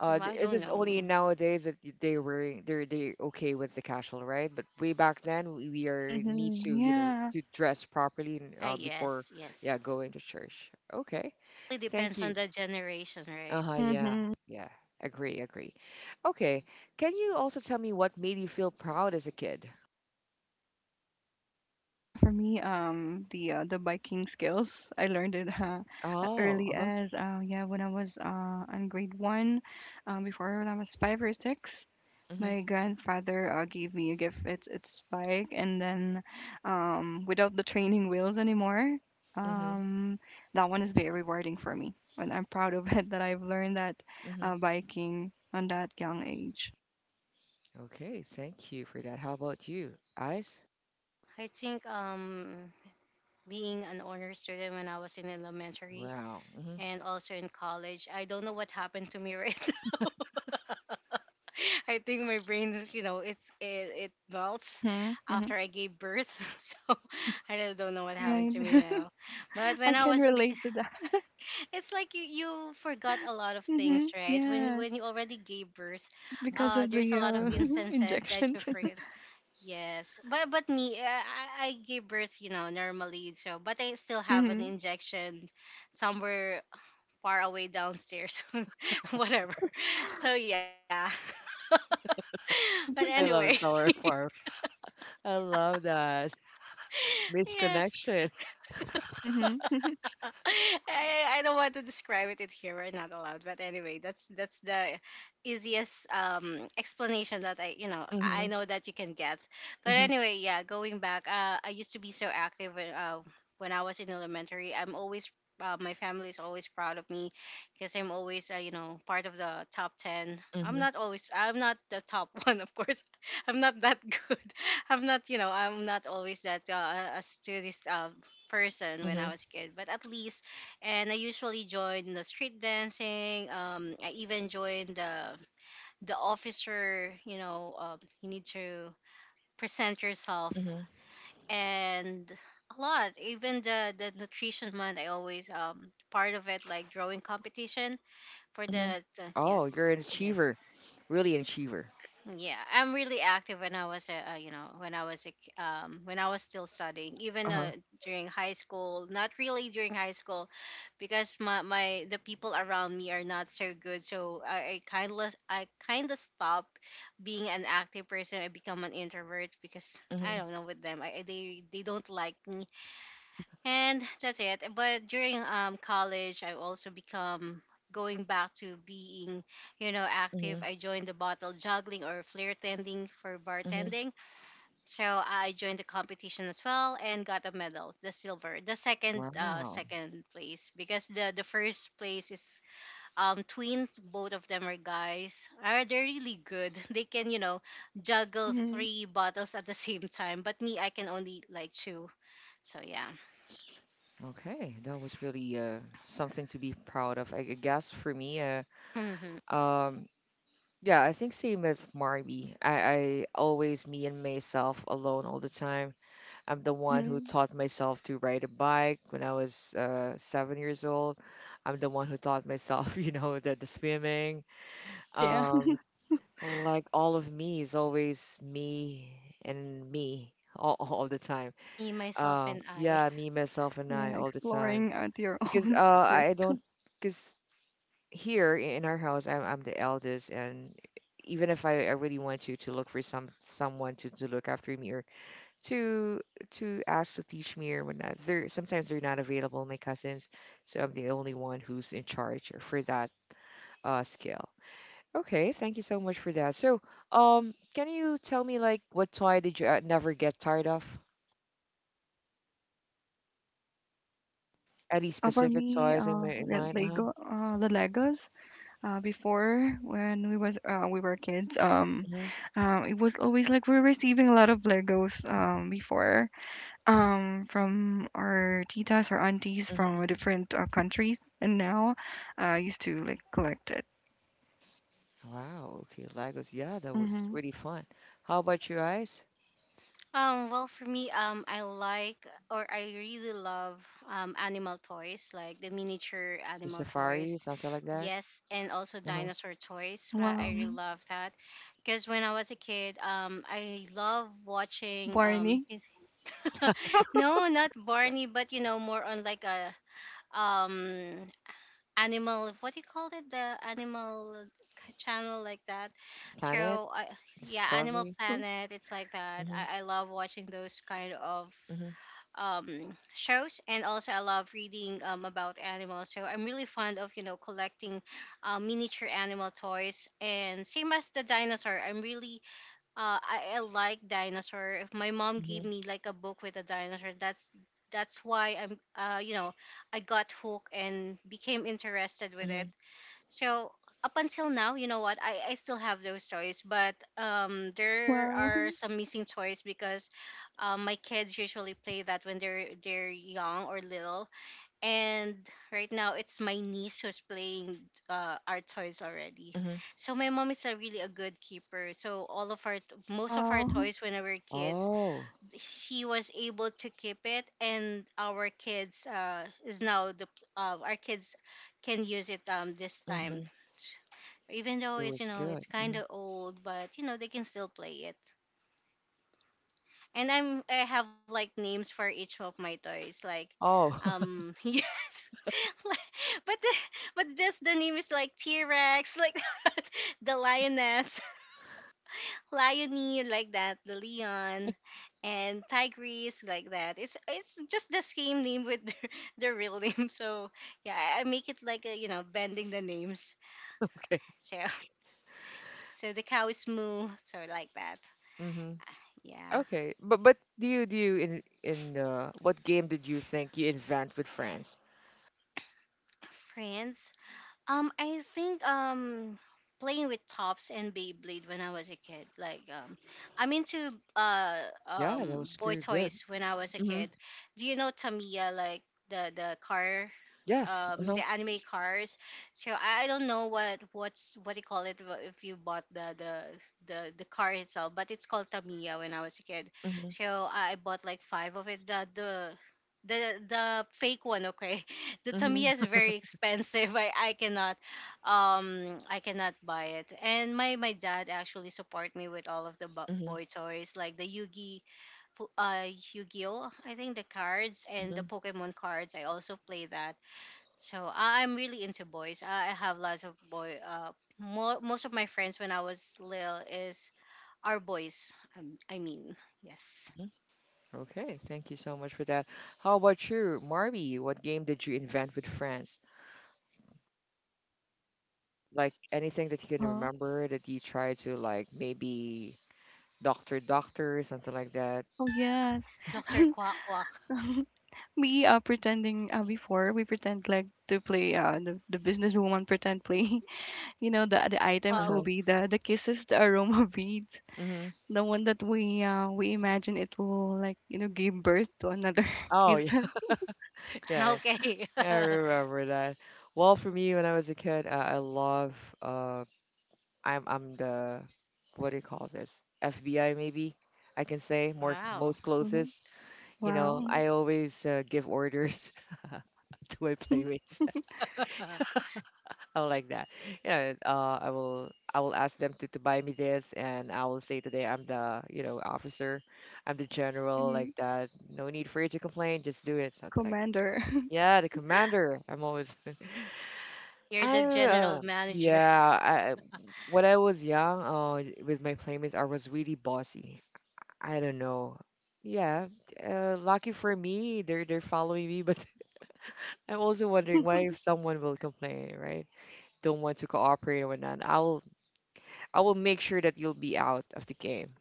[SPEAKER 1] Uh,
[SPEAKER 3] I
[SPEAKER 1] th- is
[SPEAKER 3] don't
[SPEAKER 1] this
[SPEAKER 3] know.
[SPEAKER 1] only nowadays that they okay with the casual, right? But way back then, we are
[SPEAKER 2] Mhm.
[SPEAKER 1] need to you know
[SPEAKER 2] Yeah.
[SPEAKER 1] to dress properly and,
[SPEAKER 3] Ah,
[SPEAKER 1] before
[SPEAKER 3] yes, yes.
[SPEAKER 1] yeah going to church. Okay,
[SPEAKER 3] It
[SPEAKER 1] thank
[SPEAKER 3] depends on
[SPEAKER 1] you.
[SPEAKER 3] the generation,
[SPEAKER 1] Uh
[SPEAKER 3] right?
[SPEAKER 1] huh. Yeah.
[SPEAKER 2] Mhm.
[SPEAKER 1] Yeah. Agree. Agree. Okay. Can you also tell me what made you feel proud as a kid?
[SPEAKER 2] For me, the biking skills I learned it at
[SPEAKER 1] Oh.
[SPEAKER 2] early
[SPEAKER 1] Uh huh.
[SPEAKER 2] as yeah when I was on grade one, before when I was 5 or 6.
[SPEAKER 1] Mm-hmm.
[SPEAKER 2] My grandfather gave me a gift. It's bike, and then without the training wheels anymore. Um, that one is very rewarding for me, and I'm proud of it that I've learned that
[SPEAKER 1] Hmm.
[SPEAKER 2] biking on that young age.
[SPEAKER 1] Okay, thank you for that. How about you, Ice?
[SPEAKER 3] I think being an honor student when I was in elementary
[SPEAKER 1] Wow. Hmm.
[SPEAKER 3] and also in college. I don't know what happened to me, right? Now. I think my brain, it melts
[SPEAKER 2] Mm-hmm, mm-hmm.
[SPEAKER 3] after I gave birth. So I really don't know what
[SPEAKER 2] Yeah,
[SPEAKER 3] happened
[SPEAKER 2] right.
[SPEAKER 3] to me now. But
[SPEAKER 2] I
[SPEAKER 3] when I
[SPEAKER 2] can
[SPEAKER 3] was, because
[SPEAKER 2] relate to that.
[SPEAKER 3] it's like you forgot a lot of
[SPEAKER 2] Mm-hmm.
[SPEAKER 3] things, right? When
[SPEAKER 2] Yes.
[SPEAKER 3] you already gave birth,
[SPEAKER 2] Is it because
[SPEAKER 3] uh,
[SPEAKER 2] of
[SPEAKER 3] there's
[SPEAKER 2] the
[SPEAKER 3] a lot of
[SPEAKER 1] Hmm.
[SPEAKER 3] instances that
[SPEAKER 2] injections?
[SPEAKER 3] you forget. Yes, but me, I give birth, you know, normally. So, but I still have an
[SPEAKER 2] Mm-hmm.
[SPEAKER 3] injection somewhere far away downstairs, whatever. So yeah. But
[SPEAKER 1] I
[SPEAKER 3] anyway,
[SPEAKER 1] love sour farm. I love that
[SPEAKER 3] yes.
[SPEAKER 1] misconnection.
[SPEAKER 2] Mm-hmm.
[SPEAKER 3] I don't want to describe it in here. We're not allowed. But anyway, that's the easiest explanation that I
[SPEAKER 1] Hmm.
[SPEAKER 3] know that you can get. But
[SPEAKER 1] Hmm.
[SPEAKER 3] anyway, yeah, going back, I used to be so active when, I was in elementary. I'm always my family is always proud of me because I'm always part of the top 10.
[SPEAKER 1] Hmm.
[SPEAKER 3] I'm not the top one, of course. I'm not that good. I'm not always that a student person when
[SPEAKER 1] Hmm.
[SPEAKER 3] I was a kid, but at least, and I usually joined the street dancing. I even joined the officer. You know, you need to present yourself
[SPEAKER 1] Hmm.
[SPEAKER 3] and a lot. Even the nutrition month, I always part of it like drawing competition for
[SPEAKER 1] Hmm.
[SPEAKER 3] the
[SPEAKER 1] Oh, you're
[SPEAKER 3] yes,
[SPEAKER 1] an
[SPEAKER 3] yes.
[SPEAKER 1] achiever, really an achiever.
[SPEAKER 3] Yeah, I'm really active when I was a, you know, when I was a, k- when I was still studying, even
[SPEAKER 1] Uh huh.
[SPEAKER 3] during high school. Not really during high school, because my the people around me are not so good. So I I kind of stop being an active person. I become an introvert because I
[SPEAKER 1] Hmm.
[SPEAKER 3] don't know with them. They they don't like me, and that's it. But during college I've also become going back to being, you know, active.
[SPEAKER 1] Hmm.
[SPEAKER 3] I joined the bottle juggling or flair tending for
[SPEAKER 1] Hmm.
[SPEAKER 3] bartending, so I joined the competition as well and got a medal, the silver, the second, uh,
[SPEAKER 1] Wow.
[SPEAKER 3] second place, because the first place is twins. Both of them are guys. Are They're really good. They can, you know, juggle
[SPEAKER 2] Mm-hmm.
[SPEAKER 3] 3 bottles at the same time, but me, I can only like two. So yeah.
[SPEAKER 1] Okay, that was really something to be proud of. I guess for me,
[SPEAKER 3] Hmm.
[SPEAKER 1] um, yeah, I think same with Marby. I always me and myself alone all the time. I'm the one who
[SPEAKER 2] Mm-hmm.
[SPEAKER 1] taught myself to ride a bike when I was 7 years old. I'm the one who taught myself, the swimming.
[SPEAKER 2] Yeah.
[SPEAKER 1] Um, like all of me is always me and me all the time.
[SPEAKER 3] Me, myself, and I.
[SPEAKER 1] Yeah, me, myself, and
[SPEAKER 2] Yeah.
[SPEAKER 1] I all the time.
[SPEAKER 2] Exploring at your
[SPEAKER 1] Because
[SPEAKER 2] own
[SPEAKER 1] I
[SPEAKER 2] risk.
[SPEAKER 1] don't, because here in our house, I'm the eldest, and even if I really want to look for someone to look after me or to to ask to teach me or whatnot. They're sometimes they're not available, my cousins, so I'm the only one who's in charge for that skill. Okay, thank you so much for that. So, can you tell me like what toy did you never get tired of? Any
[SPEAKER 2] For
[SPEAKER 1] specific
[SPEAKER 2] me,
[SPEAKER 1] toys in my in
[SPEAKER 2] the
[SPEAKER 1] mind? Uh huh.
[SPEAKER 2] Lego, the Legos. Before when we were kids,
[SPEAKER 1] Hmm.
[SPEAKER 2] it was always like we were receiving a lot of Legos. Before, from our titas or aunties
[SPEAKER 1] Hmm.
[SPEAKER 2] from different countries, and now, I used to like collect it.
[SPEAKER 1] Wow. Okay, Legos. Yeah, that was
[SPEAKER 2] Mm-hmm.
[SPEAKER 1] really fun. How about you guys?
[SPEAKER 3] Well, for me, I like, or I really love, animal toys, like the miniature
[SPEAKER 1] The
[SPEAKER 3] animal toys.
[SPEAKER 1] safari, something like that.
[SPEAKER 3] Yes, and also
[SPEAKER 1] Uh huh.
[SPEAKER 3] dinosaur toys. I
[SPEAKER 2] Wow,
[SPEAKER 3] really love that because when I was a kid, I love watching
[SPEAKER 2] Barney.
[SPEAKER 3] no, not Barney, but you know, more on like a um animal, what do you call it, the animal channel, like that.
[SPEAKER 1] Planet
[SPEAKER 3] so I, yeah, animal
[SPEAKER 1] Discovery.
[SPEAKER 3] planet, it's like that.
[SPEAKER 1] Mm-hmm,
[SPEAKER 3] I love watching those kind of
[SPEAKER 1] mm-hmm,
[SPEAKER 3] shows. And also I love reading about animals, so I'm really fond of, you know, collecting miniature animal toys. And same as the dinosaur, I'm really I like dinosaur. If my mom gave
[SPEAKER 1] mm-hmm,
[SPEAKER 3] me like a book with a dinosaur, that's why I'm, I got hooked and became interested with
[SPEAKER 1] mm-hmm,
[SPEAKER 3] it. So up until now, you know what? I still have those toys, but there
[SPEAKER 2] Wow,
[SPEAKER 3] are some missing toys because my kids usually play that when they're young or little. And right now it's my niece who's playing our toys already.
[SPEAKER 1] mm-hmm.
[SPEAKER 3] So my mom is a really a good keeper, so all of our most of our
[SPEAKER 2] wow.
[SPEAKER 3] toys when we were kids
[SPEAKER 1] Oh.
[SPEAKER 3] she was able to keep it, and our kids, is now the our kids can use it this time,
[SPEAKER 1] Mm-hmm.
[SPEAKER 3] even though
[SPEAKER 1] It
[SPEAKER 3] it's, you
[SPEAKER 1] was
[SPEAKER 3] know,
[SPEAKER 1] good.
[SPEAKER 3] it's kind
[SPEAKER 1] Hmm.
[SPEAKER 3] of old, but you know, they can still play it. And I have like names for each of my toys, like
[SPEAKER 1] Oh,
[SPEAKER 3] yes but just the name is like T Rex, like the lioness, liony, like that, the Leon, and tigress, like that. It's just the same name with the the real name. So yeah, I make it like a, you know, bending the names.
[SPEAKER 1] okay.
[SPEAKER 3] So so the cow is Moo, so like that.
[SPEAKER 1] Mm-hmm.
[SPEAKER 3] Yeah,
[SPEAKER 1] Okay, but do you in what game did you think you invent with friends?
[SPEAKER 3] friends. I think playing with tops and Beyblade when I was a kid. Like I'm into
[SPEAKER 1] Yeah, that was
[SPEAKER 3] boy
[SPEAKER 1] good. Good.
[SPEAKER 3] toys when I was a
[SPEAKER 1] Mm-hmm.
[SPEAKER 3] kid. Do you know Tamiya? Like the car,
[SPEAKER 1] Yes. Uh-huh.
[SPEAKER 3] the anime cars. I don't know what what's what they call it if you bought the the car itself, but it's called Tamiya when I was a kid.
[SPEAKER 1] Mm-hmm.
[SPEAKER 3] So I bought like 5 of it. The the fake one, okay. The tamiya
[SPEAKER 1] Mm-hmm.
[SPEAKER 3] is very expensive. I cannot I cannot buy it. And my dad actually support me with all of the
[SPEAKER 1] Hmm.
[SPEAKER 3] boy toys, like the po- uh yu-gi-oh, I think, the cards and the
[SPEAKER 1] Hmm.
[SPEAKER 3] pokemon cards, I also play that. So I'm really into boys. I have lots of boy, uh, most of my friends when I was little is are boys, um, i mean yes.
[SPEAKER 1] Hmm. Okay, thank you so much for that. How about you, Marby? What game did you invent with friends? Like anything that you
[SPEAKER 2] Uh
[SPEAKER 1] can
[SPEAKER 2] huh.
[SPEAKER 1] remember that you tried to like maybe doctor doctor something like that.
[SPEAKER 2] Oh yes.
[SPEAKER 3] Dr. Quack Quack.
[SPEAKER 2] We are pretending before we pretend like to play the businesswoman pretend play. You know the items will
[SPEAKER 1] Uh-huh.
[SPEAKER 3] Wow.
[SPEAKER 2] be the kisses, the aroma beads,
[SPEAKER 1] Mm-hmm.
[SPEAKER 2] the one that we imagine it will like give birth to another
[SPEAKER 1] Oh
[SPEAKER 2] kiss.
[SPEAKER 1] yeah, yeah.
[SPEAKER 3] Okay.
[SPEAKER 1] Yeah, I remember that. Well, for me, when I was a kid, I love. Uh, I'm the, what do you call this? FBI maybe I can say, more
[SPEAKER 3] Wow.
[SPEAKER 1] most
[SPEAKER 2] Mhm.
[SPEAKER 1] closest. You know,
[SPEAKER 2] Wow.
[SPEAKER 1] I always give orders to my playmates. I'm like that. You know, I will ask them to buy me this, and I will say today I'm the officer, I'm the general
[SPEAKER 2] Mhm.
[SPEAKER 1] like that. No need for you to complain, just do it,
[SPEAKER 2] The
[SPEAKER 1] something like that.
[SPEAKER 2] commander.
[SPEAKER 1] Yeah, the commander. I'm always
[SPEAKER 3] You're
[SPEAKER 1] I
[SPEAKER 3] the general
[SPEAKER 1] uh,
[SPEAKER 3] manager.
[SPEAKER 1] yeah, I when I was young, with my playmates, I was really bossy. I don't know. Yeah, lucky for me, they're following me, but I'm also wondering why if someone will complain, right? Don't want to cooperate or whatnot. I'll I will make sure that you'll be out of the game.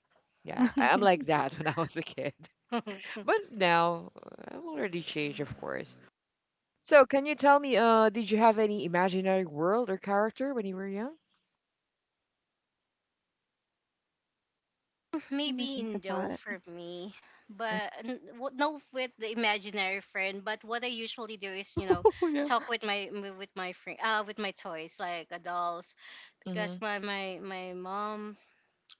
[SPEAKER 1] Yeah, I'm like that when I was a kid, but now I'm already changed, of course. So, can you tell me, did you have any imaginary world or character when you were young?
[SPEAKER 2] Let me
[SPEAKER 3] Maybe
[SPEAKER 2] think
[SPEAKER 3] Indo
[SPEAKER 2] about it.
[SPEAKER 3] for me, but no with the imaginary friend. But what I usually do is, you know,
[SPEAKER 2] Oh, yeah.
[SPEAKER 3] talk with with my friend, with my toys, like, dolls, because
[SPEAKER 1] Mm-hmm.
[SPEAKER 3] my mom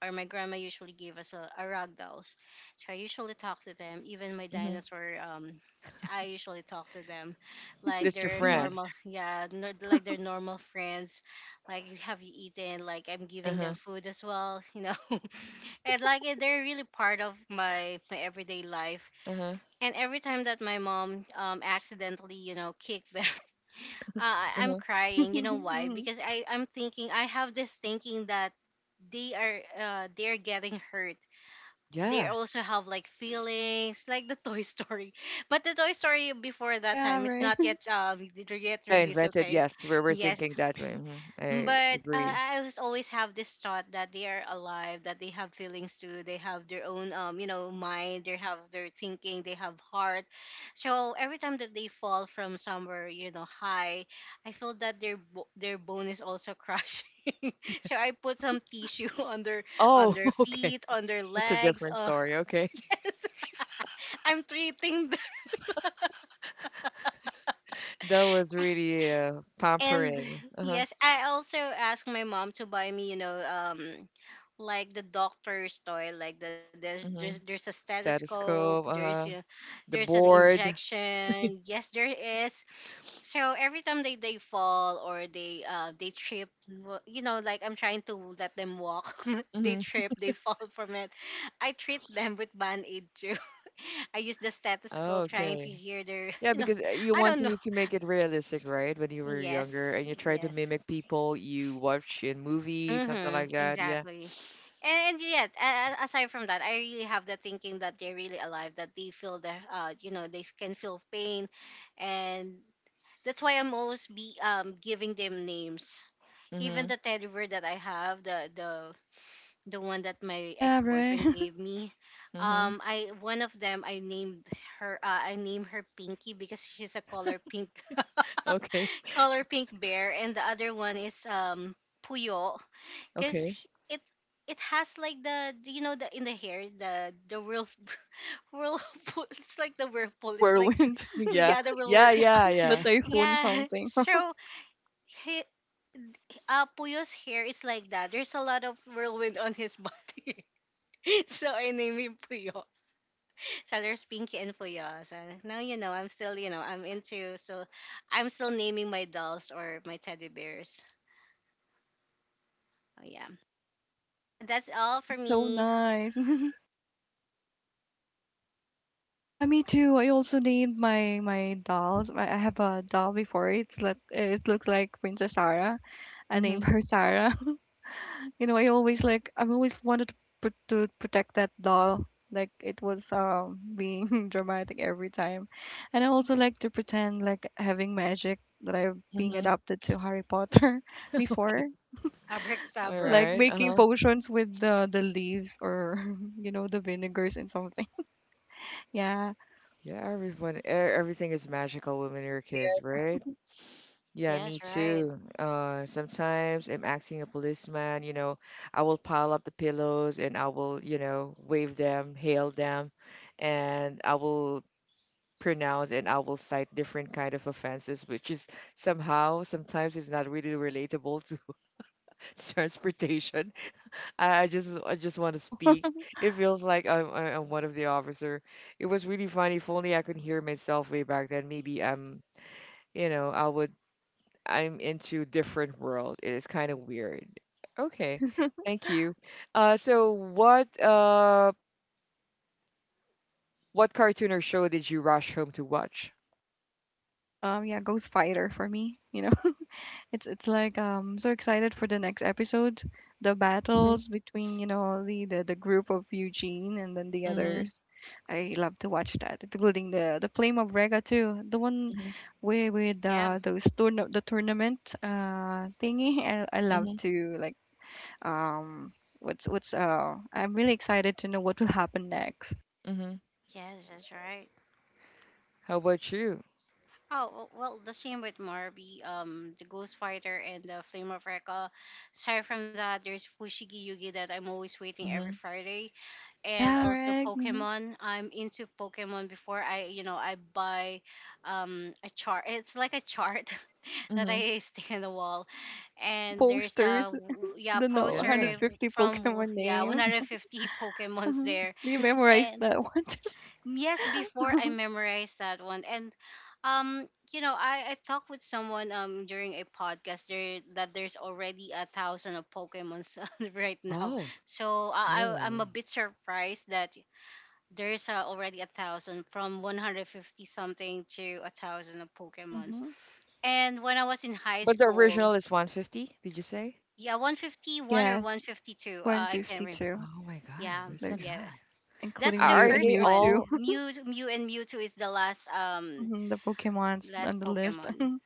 [SPEAKER 3] or my grandma usually gave us a rag dolls. So I usually talk to them. Even my
[SPEAKER 1] Hmm.
[SPEAKER 3] dinosaur pets, I usually talk to them like
[SPEAKER 1] That's your
[SPEAKER 3] they're
[SPEAKER 2] Mhm.
[SPEAKER 1] friend.
[SPEAKER 3] normal, yeah, nor like they're normal friends. Like, have you eaten? Like, I'm giving them
[SPEAKER 1] Uh-huh.
[SPEAKER 3] food as well, you know. And like, eh, they're really part of my everyday life.
[SPEAKER 1] Uh-huh.
[SPEAKER 3] And every time that my mom accidentally, you know, kicked them, I'm
[SPEAKER 1] Uh-huh.
[SPEAKER 3] crying. You know why?
[SPEAKER 2] Mhm.
[SPEAKER 3] Because I have this thinking that they are, they're getting hurt, they
[SPEAKER 1] Yeah.
[SPEAKER 3] also have like feelings, like the toy story. But the toy story before that
[SPEAKER 2] Yeah,
[SPEAKER 3] time is
[SPEAKER 2] right.
[SPEAKER 3] not yet did yet
[SPEAKER 1] I
[SPEAKER 3] released,
[SPEAKER 1] invented,
[SPEAKER 3] okay.
[SPEAKER 1] yes, we were
[SPEAKER 3] Yes,
[SPEAKER 1] thinking that way. Mhm, I
[SPEAKER 3] but
[SPEAKER 1] agree.
[SPEAKER 3] I was always have this thought that they are alive, that they have feelings too, they have their own, mind, they have their thinking, they have heart. So every time that they fall from somewhere, you know, high, I feel that their their bone is also crushing. So I put some tissue on their, on
[SPEAKER 1] Oh,
[SPEAKER 3] their
[SPEAKER 1] okay.
[SPEAKER 3] feet, on their
[SPEAKER 1] That's a
[SPEAKER 3] legs.
[SPEAKER 1] different story. Okay.
[SPEAKER 3] I'm treating them.
[SPEAKER 1] That was really
[SPEAKER 3] And
[SPEAKER 1] pampering. Uh-huh.
[SPEAKER 3] yes, I also asked my mom to buy me, you know, like the doctor's toy, like the,
[SPEAKER 1] Mm-hmm.
[SPEAKER 3] there's a stethoscope,
[SPEAKER 1] Stethoscope,
[SPEAKER 3] there's, you
[SPEAKER 1] uh-huh.
[SPEAKER 3] know,
[SPEAKER 1] The
[SPEAKER 3] there's an
[SPEAKER 1] board.
[SPEAKER 3] injection. Yes, there is. So every time they fall, or they, uh, they trip, you know, like I'm trying to let them walk, they
[SPEAKER 1] Mm-hmm.
[SPEAKER 3] trip, they fall from it. I treat them with band aid too. I use the stethoscope trying to
[SPEAKER 1] Okay.
[SPEAKER 3] hear their,
[SPEAKER 1] Yeah,
[SPEAKER 3] you know,
[SPEAKER 1] because you
[SPEAKER 3] I
[SPEAKER 1] want
[SPEAKER 3] don't know.
[SPEAKER 1] to make it realistic, right? When you were younger
[SPEAKER 3] Yes,
[SPEAKER 1] and you try to
[SPEAKER 3] yes.
[SPEAKER 1] mimic people you watch in movies, something
[SPEAKER 3] Mm-hmm,
[SPEAKER 1] like that. Yeah.
[SPEAKER 3] exactly. And, yet, aside from that, I really have the thinking that they're really alive, that they feel the, you know, they can feel pain, and that's why I'm always be giving them names. Even
[SPEAKER 1] Mm-hmm.
[SPEAKER 3] the teddy bear that I have, the one that my
[SPEAKER 2] Yeah, right.
[SPEAKER 3] ex-boyfriend gave me,
[SPEAKER 1] Mm-hmm.
[SPEAKER 3] I one of them I named her, I named her Pinky because she's a color pink
[SPEAKER 1] Okay.
[SPEAKER 3] color pink bear. And the other one is Puyo,
[SPEAKER 1] Okay.
[SPEAKER 3] because it has like the you know, the in the hair, the whirl whirlpool, it's like the whirlpool,
[SPEAKER 2] The
[SPEAKER 3] it's like,
[SPEAKER 2] whirlwind,
[SPEAKER 3] oh
[SPEAKER 1] Yeah.
[SPEAKER 3] yeah, the
[SPEAKER 1] Yeah,
[SPEAKER 3] whirlwind, yeah.
[SPEAKER 1] yeah,
[SPEAKER 2] the
[SPEAKER 1] yeah.
[SPEAKER 2] typhoon,
[SPEAKER 3] Yeah.
[SPEAKER 2] something.
[SPEAKER 3] So he, uh, Puyo's hair is like that, there's a lot of whirlwind on his body. So I named him Puyo. So there's Pinky and Puyo. So now you know I'm still, you know, I'm still naming my dolls or my teddy bears. Oh yeah, that's all for
[SPEAKER 2] That's so
[SPEAKER 3] me.
[SPEAKER 2] nice. Yeah, me too. I also named my dolls. I have a doll before. It's like it looks like Princess Sarah. I named
[SPEAKER 1] Mhm,
[SPEAKER 2] her Sarah. You know, I've always wanted to put to protect that doll. Like it was being dramatic every time, and I also like to pretend like having magic that I'm being
[SPEAKER 1] mhm.
[SPEAKER 2] adopted to Harry Potter
[SPEAKER 1] Okay.
[SPEAKER 2] before,
[SPEAKER 3] Abracadabra.
[SPEAKER 2] like
[SPEAKER 1] Alright,
[SPEAKER 2] making
[SPEAKER 1] uh-huh.
[SPEAKER 2] potions with the leaves or the vinegars and something. Yeah,
[SPEAKER 1] Yeah, everyone e everything is magical when you're
[SPEAKER 2] yeah.
[SPEAKER 1] kids, right? Yeah, me
[SPEAKER 3] Yes, right.
[SPEAKER 1] too. Sometimes I'm acting a policeman, you know, I will pile up the pillows and I will, wave them, hail them, and I will pronounce and I will cite different kind of offenses, which is somehow sometimes it's not really relatable to transportation. I just want to speak. It feels like I'm one of the officer. It was really funny. If only I could hear myself way back then, maybe I'm you know I would I'm into different world. It is kind of weird. Okay, thank you. So what what cartoon or show did you rush home to watch?
[SPEAKER 2] Yeah, Ghost Fighter for me. You know, it's like so excited for the next episode, the
[SPEAKER 1] Mhm,
[SPEAKER 2] battles between the group of Eugene and then the
[SPEAKER 1] mhm,
[SPEAKER 2] others. I love to watch that, including the Flame of Rega too, the one
[SPEAKER 1] mhm,
[SPEAKER 2] where with
[SPEAKER 3] Yeah.
[SPEAKER 2] those tourna the tournament thingy. I love
[SPEAKER 1] mhm,
[SPEAKER 2] to like um what's I'm really excited to know what will happen next.
[SPEAKER 1] mhm.
[SPEAKER 3] Yes, that's right.
[SPEAKER 1] How about you?
[SPEAKER 3] Oh, well, the same with Marby, the Ghost Fighter and the Flame of Recca. Aside from that, there's Fushigi Yugi that I'm always waiting every
[SPEAKER 1] Mhm,
[SPEAKER 3] Friday. And
[SPEAKER 2] Yeah,
[SPEAKER 3] also
[SPEAKER 2] right. Hmm.
[SPEAKER 3] Pokemon. I'm into Pokemon before I buy a chart. It's like a chart that
[SPEAKER 1] mhm.
[SPEAKER 3] I stick in the wall.
[SPEAKER 2] The
[SPEAKER 3] And there's
[SPEAKER 2] posters,
[SPEAKER 3] a yeah,
[SPEAKER 2] the no
[SPEAKER 1] Yeah.
[SPEAKER 3] poster
[SPEAKER 2] 150
[SPEAKER 3] from
[SPEAKER 2] Pokemon
[SPEAKER 3] yeah,
[SPEAKER 2] names.
[SPEAKER 3] 150 Pokemons
[SPEAKER 2] Mhm.
[SPEAKER 3] there.
[SPEAKER 2] You memorized
[SPEAKER 3] And
[SPEAKER 2] that one.
[SPEAKER 3] yes, before I memorized that one and um you know I talked with someone during a podcast there that there's already a thousand of pokemons right now.
[SPEAKER 1] Oh,
[SPEAKER 3] So I'm
[SPEAKER 1] oh.
[SPEAKER 3] a bit surprised that there's already a thousand from 150 something to a thousand of pokemons.
[SPEAKER 2] Mm-hmm.
[SPEAKER 3] And when I was in high
[SPEAKER 1] But the
[SPEAKER 3] school,
[SPEAKER 1] original is 150. Did you say?
[SPEAKER 3] yeah, 151 or
[SPEAKER 2] Yeah,
[SPEAKER 3] 152, I can't remember.
[SPEAKER 2] 152.
[SPEAKER 1] Oh my god,
[SPEAKER 3] Yeah,
[SPEAKER 1] there's a
[SPEAKER 2] There's
[SPEAKER 3] yeah,
[SPEAKER 1] lot.
[SPEAKER 3] that's
[SPEAKER 2] including
[SPEAKER 1] Are
[SPEAKER 3] the
[SPEAKER 2] Mew
[SPEAKER 1] are
[SPEAKER 2] and
[SPEAKER 3] first
[SPEAKER 1] they
[SPEAKER 2] Mewtwo.
[SPEAKER 3] one.
[SPEAKER 1] all
[SPEAKER 3] Mew and mewtwo is the last um
[SPEAKER 2] Mm-hmm. The Pokemons
[SPEAKER 3] last
[SPEAKER 2] on the list.
[SPEAKER 3] pokemon.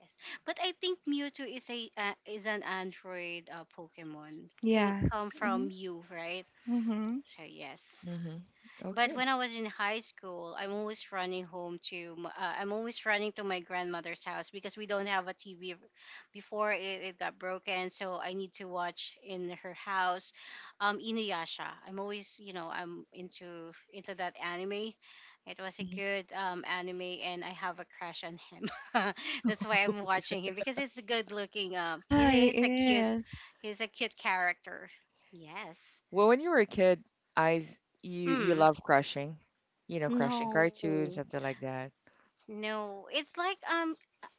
[SPEAKER 3] Yes, but I think mewtwo is a is an android pokemon, can
[SPEAKER 2] Yeah.
[SPEAKER 3] come
[SPEAKER 2] Mm-hmm.
[SPEAKER 3] from mew, right?
[SPEAKER 2] Mm-hmm.
[SPEAKER 3] So yes.
[SPEAKER 1] mhm.
[SPEAKER 3] But
[SPEAKER 1] Okay.
[SPEAKER 3] when I was in high school, I'm always running home to I'm always running to my grandmother's house because we don't have a TV before it got broken, so I need to watch in her house. Inuyasha. I'm always you know I'm into that anime. It was a
[SPEAKER 1] Mhm.
[SPEAKER 3] good anime, and I have a crush on him. That's why I'm
[SPEAKER 1] Okay.
[SPEAKER 3] watching him because it's a good looking.
[SPEAKER 2] Yeah, it
[SPEAKER 3] It's a cute.
[SPEAKER 2] is.
[SPEAKER 3] He's a cute character. Yes.
[SPEAKER 1] Well, when you were a kid, eyes you
[SPEAKER 3] Mm.
[SPEAKER 1] love crushing, crushing
[SPEAKER 3] No.
[SPEAKER 1] cartoons, something like that.
[SPEAKER 3] No, it's like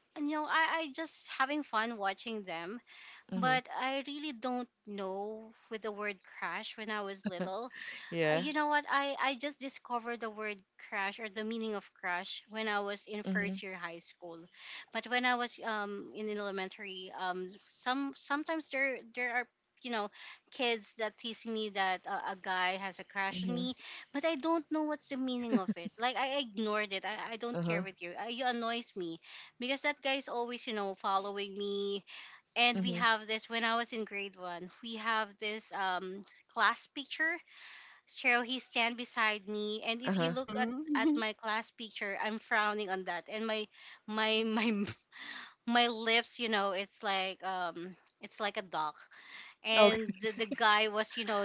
[SPEAKER 3] you know, I just having fun watching them,
[SPEAKER 1] Hmm.
[SPEAKER 3] but I really don't know with the word crash when I was little.
[SPEAKER 1] Yeah.
[SPEAKER 3] You know what? I just discovered the word crush or the meaning of crush when I was in
[SPEAKER 1] Mhm.
[SPEAKER 3] first year high school, but when I was in elementary, sometimes there there are you know kids that tease me that a guy has a crush on
[SPEAKER 1] Mhm.
[SPEAKER 3] me, but I don't know what's the meaning of it. Like I ignored it. I don't care
[SPEAKER 1] Uh-huh.
[SPEAKER 3] with you. You annoys me because that guy is always you know following me. And we
[SPEAKER 1] Mhm.
[SPEAKER 3] have this when I was in grade one. We have this class picture, so he stand beside me, and if you
[SPEAKER 1] Uh-huh.
[SPEAKER 3] look at
[SPEAKER 2] Mm-hmm.
[SPEAKER 3] my class picture, I'm frowning on that, and my my lips, you know, it's like a dog. And
[SPEAKER 1] Okay.
[SPEAKER 3] the guy was, you know,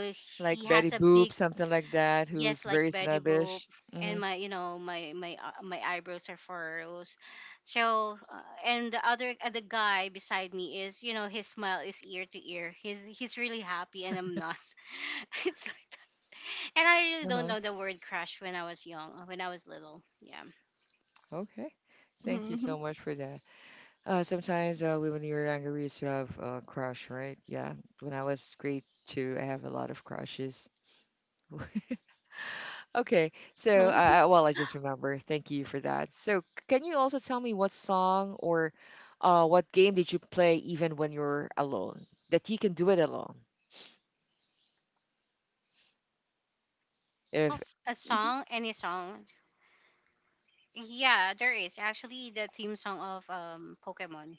[SPEAKER 3] he
[SPEAKER 1] Like Betty
[SPEAKER 3] has a
[SPEAKER 1] Boop,
[SPEAKER 3] big
[SPEAKER 1] something like that, who's
[SPEAKER 3] yes, like
[SPEAKER 1] very
[SPEAKER 3] Betty Boop,
[SPEAKER 1] snobbish.
[SPEAKER 3] and
[SPEAKER 1] Mhm.
[SPEAKER 3] my you know my eyebrows are furrows. So and the guy beside me is, you know, his smile is ear to ear. He's really happy, and I'm not. It's like, and I really don't
[SPEAKER 1] Uh-huh.
[SPEAKER 3] know the word crush when I was young, when I was little. Yeah.
[SPEAKER 1] Okay. Thank you
[SPEAKER 2] Mm-hmm.
[SPEAKER 1] so much for that. Sometimes when you were younger, we used to have a crush, right? Yeah. When I was grade two, I have a lot of crushes. Okay, so
[SPEAKER 2] Uh-huh.
[SPEAKER 1] well, I just remember. Thank you for that. So, can you also tell me what song or what game did you play even when you're alone? That you can do it alone. If
[SPEAKER 3] Of
[SPEAKER 2] Aside,
[SPEAKER 3] a song, any song. Yeah, there is actually the theme song of Pokemon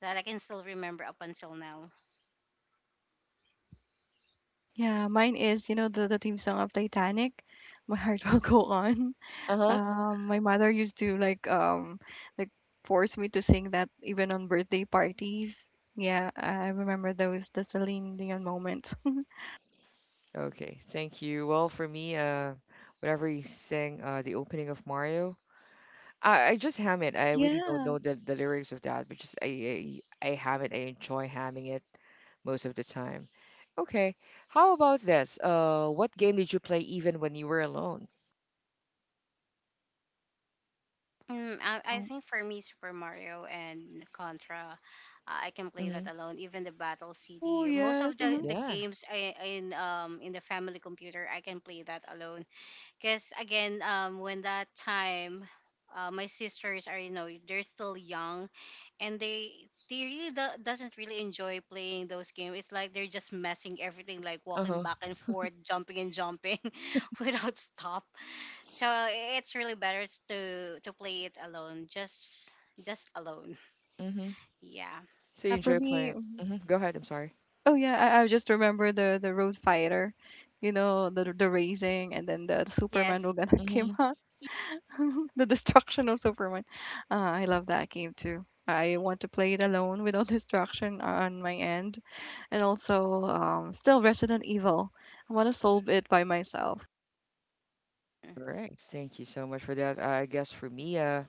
[SPEAKER 3] that I can still remember up until now.
[SPEAKER 2] yeah, mine is, the theme song of Titanic, My Heart Will Go On.
[SPEAKER 1] uh-huh.
[SPEAKER 2] My mother used to like like force me to sing that even on birthday parties. Yeah, I remember those the Celine Dion moments.
[SPEAKER 1] Okay, thank you. Well, for me, whenever you sing the opening of Mario, I just ham it.
[SPEAKER 2] Oh
[SPEAKER 1] I really don't
[SPEAKER 2] yeah.
[SPEAKER 1] know the lyrics of that, but just I ham it. I enjoy hamming it most of the time. Okay, how about this? What game did you play even when you were alone?
[SPEAKER 3] Mm, I
[SPEAKER 2] Um,
[SPEAKER 3] think for me, Super Mario and Contra, I can play that alone. Even the Battle
[SPEAKER 2] oh
[SPEAKER 3] City, most
[SPEAKER 2] yes.
[SPEAKER 3] of the
[SPEAKER 2] Mhm.
[SPEAKER 3] the
[SPEAKER 1] Yeah.
[SPEAKER 3] games I, in the family computer, I can play that alone. Because again, when that time, my sisters are you know they're still young, and they really doesn't really enjoy playing those games. It's like they're just messing everything, like walking
[SPEAKER 1] Uh-huh.
[SPEAKER 3] back and forth, jumping and jumping, without stop. So it's really better to play it alone, just alone.
[SPEAKER 1] Mm-hmm.
[SPEAKER 3] Yeah.
[SPEAKER 1] So you
[SPEAKER 2] Yeah, for
[SPEAKER 1] enjoy
[SPEAKER 2] me.
[SPEAKER 1] playing. Hmm. Go ahead. I'm sorry.
[SPEAKER 2] Oh yeah, I just remember the Road Fighter, the racing, and then the Superman will
[SPEAKER 3] Yes.
[SPEAKER 2] gonna
[SPEAKER 1] Mm-hmm.
[SPEAKER 2] came out. The destruction of Superman. I love that game too. I want to play it alone without distraction on my end, and also still Resident Evil. I want to solve it by myself.
[SPEAKER 1] All right. Thank you so much for that. I guess for me,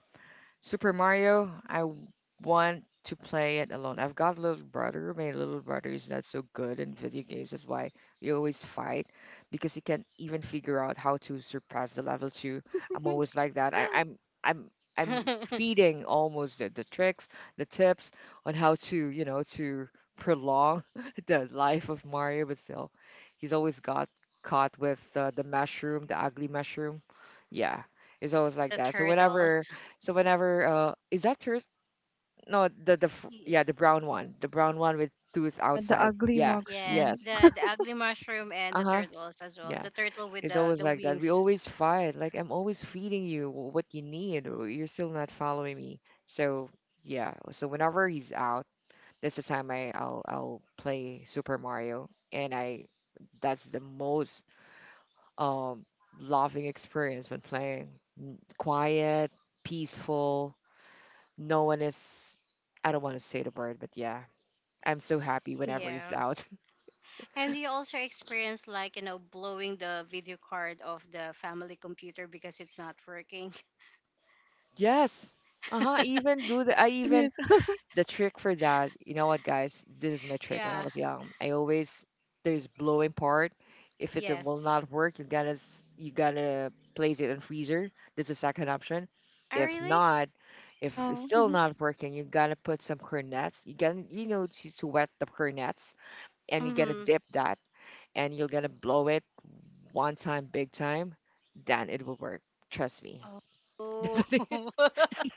[SPEAKER 1] Super Mario, I want to play it alone. I've got a little brother. My little brother is not so good in video games. That's why we always fight because he can't even figure out how to surpass the level two. I'm always like that. I, I'm I'm
[SPEAKER 3] The
[SPEAKER 1] feeding almost the tricks, the tips on how to you know to prolong the life of Mario, but still, he's always got caught with the mushroom, the ugly mushroom. Yeah, it's always like that. So whenever,
[SPEAKER 3] turtles.
[SPEAKER 1] is that turtle? No,
[SPEAKER 3] Y-
[SPEAKER 1] yeah, the brown one. The brown one with tooth
[SPEAKER 2] Yeah, the
[SPEAKER 1] outside.
[SPEAKER 2] ugly
[SPEAKER 1] Yeah.
[SPEAKER 3] Yes,
[SPEAKER 2] monster.
[SPEAKER 1] Yes.
[SPEAKER 3] the ugly mushroom and the
[SPEAKER 1] Uh-huh.
[SPEAKER 3] turtles as well.
[SPEAKER 1] Yeah.
[SPEAKER 3] The turtle with
[SPEAKER 1] It's
[SPEAKER 3] the
[SPEAKER 1] always
[SPEAKER 3] the
[SPEAKER 1] like that. We
[SPEAKER 3] wings.
[SPEAKER 1] always fight. Like I'm always feeding you what you need. You're still not following me. So yeah. So whenever he's out, that's the time I'll play Super Mario and I that's the most um loving experience when playing. Quiet, peaceful, no one is, I don't want to say the word, but yeah, I'm so happy whenever he's
[SPEAKER 3] Yeah.
[SPEAKER 1] out.
[SPEAKER 3] And you also experience like, you know, blowing the video card of the family computer because it's not working.
[SPEAKER 1] Yes. Uh-huh. Even do the I
[SPEAKER 2] It
[SPEAKER 1] even
[SPEAKER 2] is.
[SPEAKER 1] the trick for that, you know what, guys, this is my trick when I
[SPEAKER 3] Yeah.
[SPEAKER 1] was young. I always there's blowing part. If it will
[SPEAKER 3] Yes.
[SPEAKER 1] not work, you gotta place it in freezer. That's the second option.
[SPEAKER 3] Oh,
[SPEAKER 1] If
[SPEAKER 3] really?
[SPEAKER 1] not, if it's
[SPEAKER 2] Wow.
[SPEAKER 1] still not working, you gotta put some cornets. You gotta to wet the cornets and you gotta
[SPEAKER 3] Mm-hmm.
[SPEAKER 1] dip that and you're gonna blow it one time, big time, then it will work. Trust me.
[SPEAKER 3] Oh.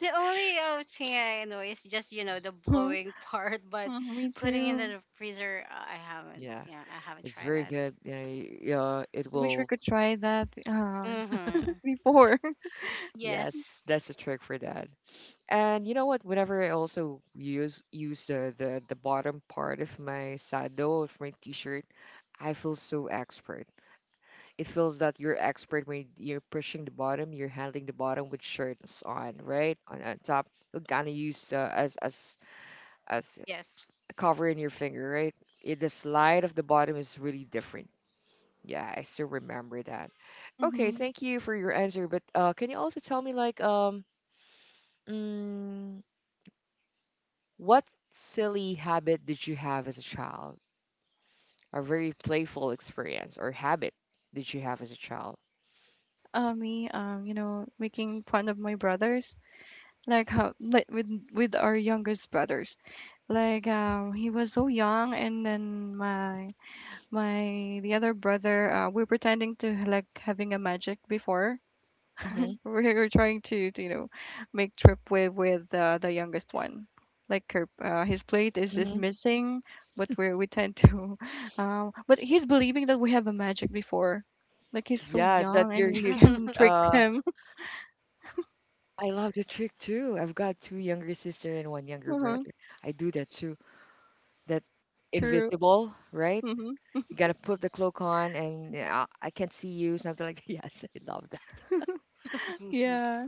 [SPEAKER 3] The only thing I know is just, you know, the
[SPEAKER 2] Uh-huh.
[SPEAKER 3] blowing part, but
[SPEAKER 2] Me
[SPEAKER 3] putting it in
[SPEAKER 2] too.
[SPEAKER 3] the freezer, I haven't.
[SPEAKER 1] Yeah,
[SPEAKER 3] Yeah, I haven't
[SPEAKER 1] it's
[SPEAKER 3] tried
[SPEAKER 1] very
[SPEAKER 3] that.
[SPEAKER 1] good. Yeah, yeah, it
[SPEAKER 2] I wish I
[SPEAKER 1] will.
[SPEAKER 2] could try that
[SPEAKER 3] Mm-hmm.
[SPEAKER 2] before.
[SPEAKER 3] Yes.
[SPEAKER 1] Yes, that's the trick for that. And you know what? Whenever I also use the bottom part of my sado of my t-shirt, I feel so expert. It feels that you're expert when you're pushing the bottom, you're handling the bottom with shirts on, right? On top, you're gonna use as
[SPEAKER 3] Yes.
[SPEAKER 1] covering your finger, right? The slide of the bottom is really different. Yeah, I still remember that. Okay,
[SPEAKER 2] hmm
[SPEAKER 1] thank you for your answer. But can you also tell me, like, mm, what silly habit did you have as a child? A very playful experience or habit did you have as a child?
[SPEAKER 2] me, you know, making fun of my brothers. Like how, with our youngest brothers. Like he was so young, and then my the other brother, we're pretending to like having a magic before. we
[SPEAKER 1] Hmm.
[SPEAKER 2] we're trying to, you know, make trip with the youngest one, like her, his plate is
[SPEAKER 1] Hmm.
[SPEAKER 2] missing, but we tend to um, but he's believing that we have a magic before, like he's so
[SPEAKER 1] Yeah, that
[SPEAKER 2] young and
[SPEAKER 1] you're
[SPEAKER 2] we
[SPEAKER 1] his.
[SPEAKER 2] can trick him.
[SPEAKER 1] I love the trick too. I've got two younger sister and one younger
[SPEAKER 2] Uh-huh.
[SPEAKER 1] brother. I do that too. That
[SPEAKER 2] True.
[SPEAKER 1] invisible, right?
[SPEAKER 2] Mm-hmm.
[SPEAKER 1] You gotta put the cloak on and yeah, I can't see you, something like Yes, I love that.
[SPEAKER 2] Yeah.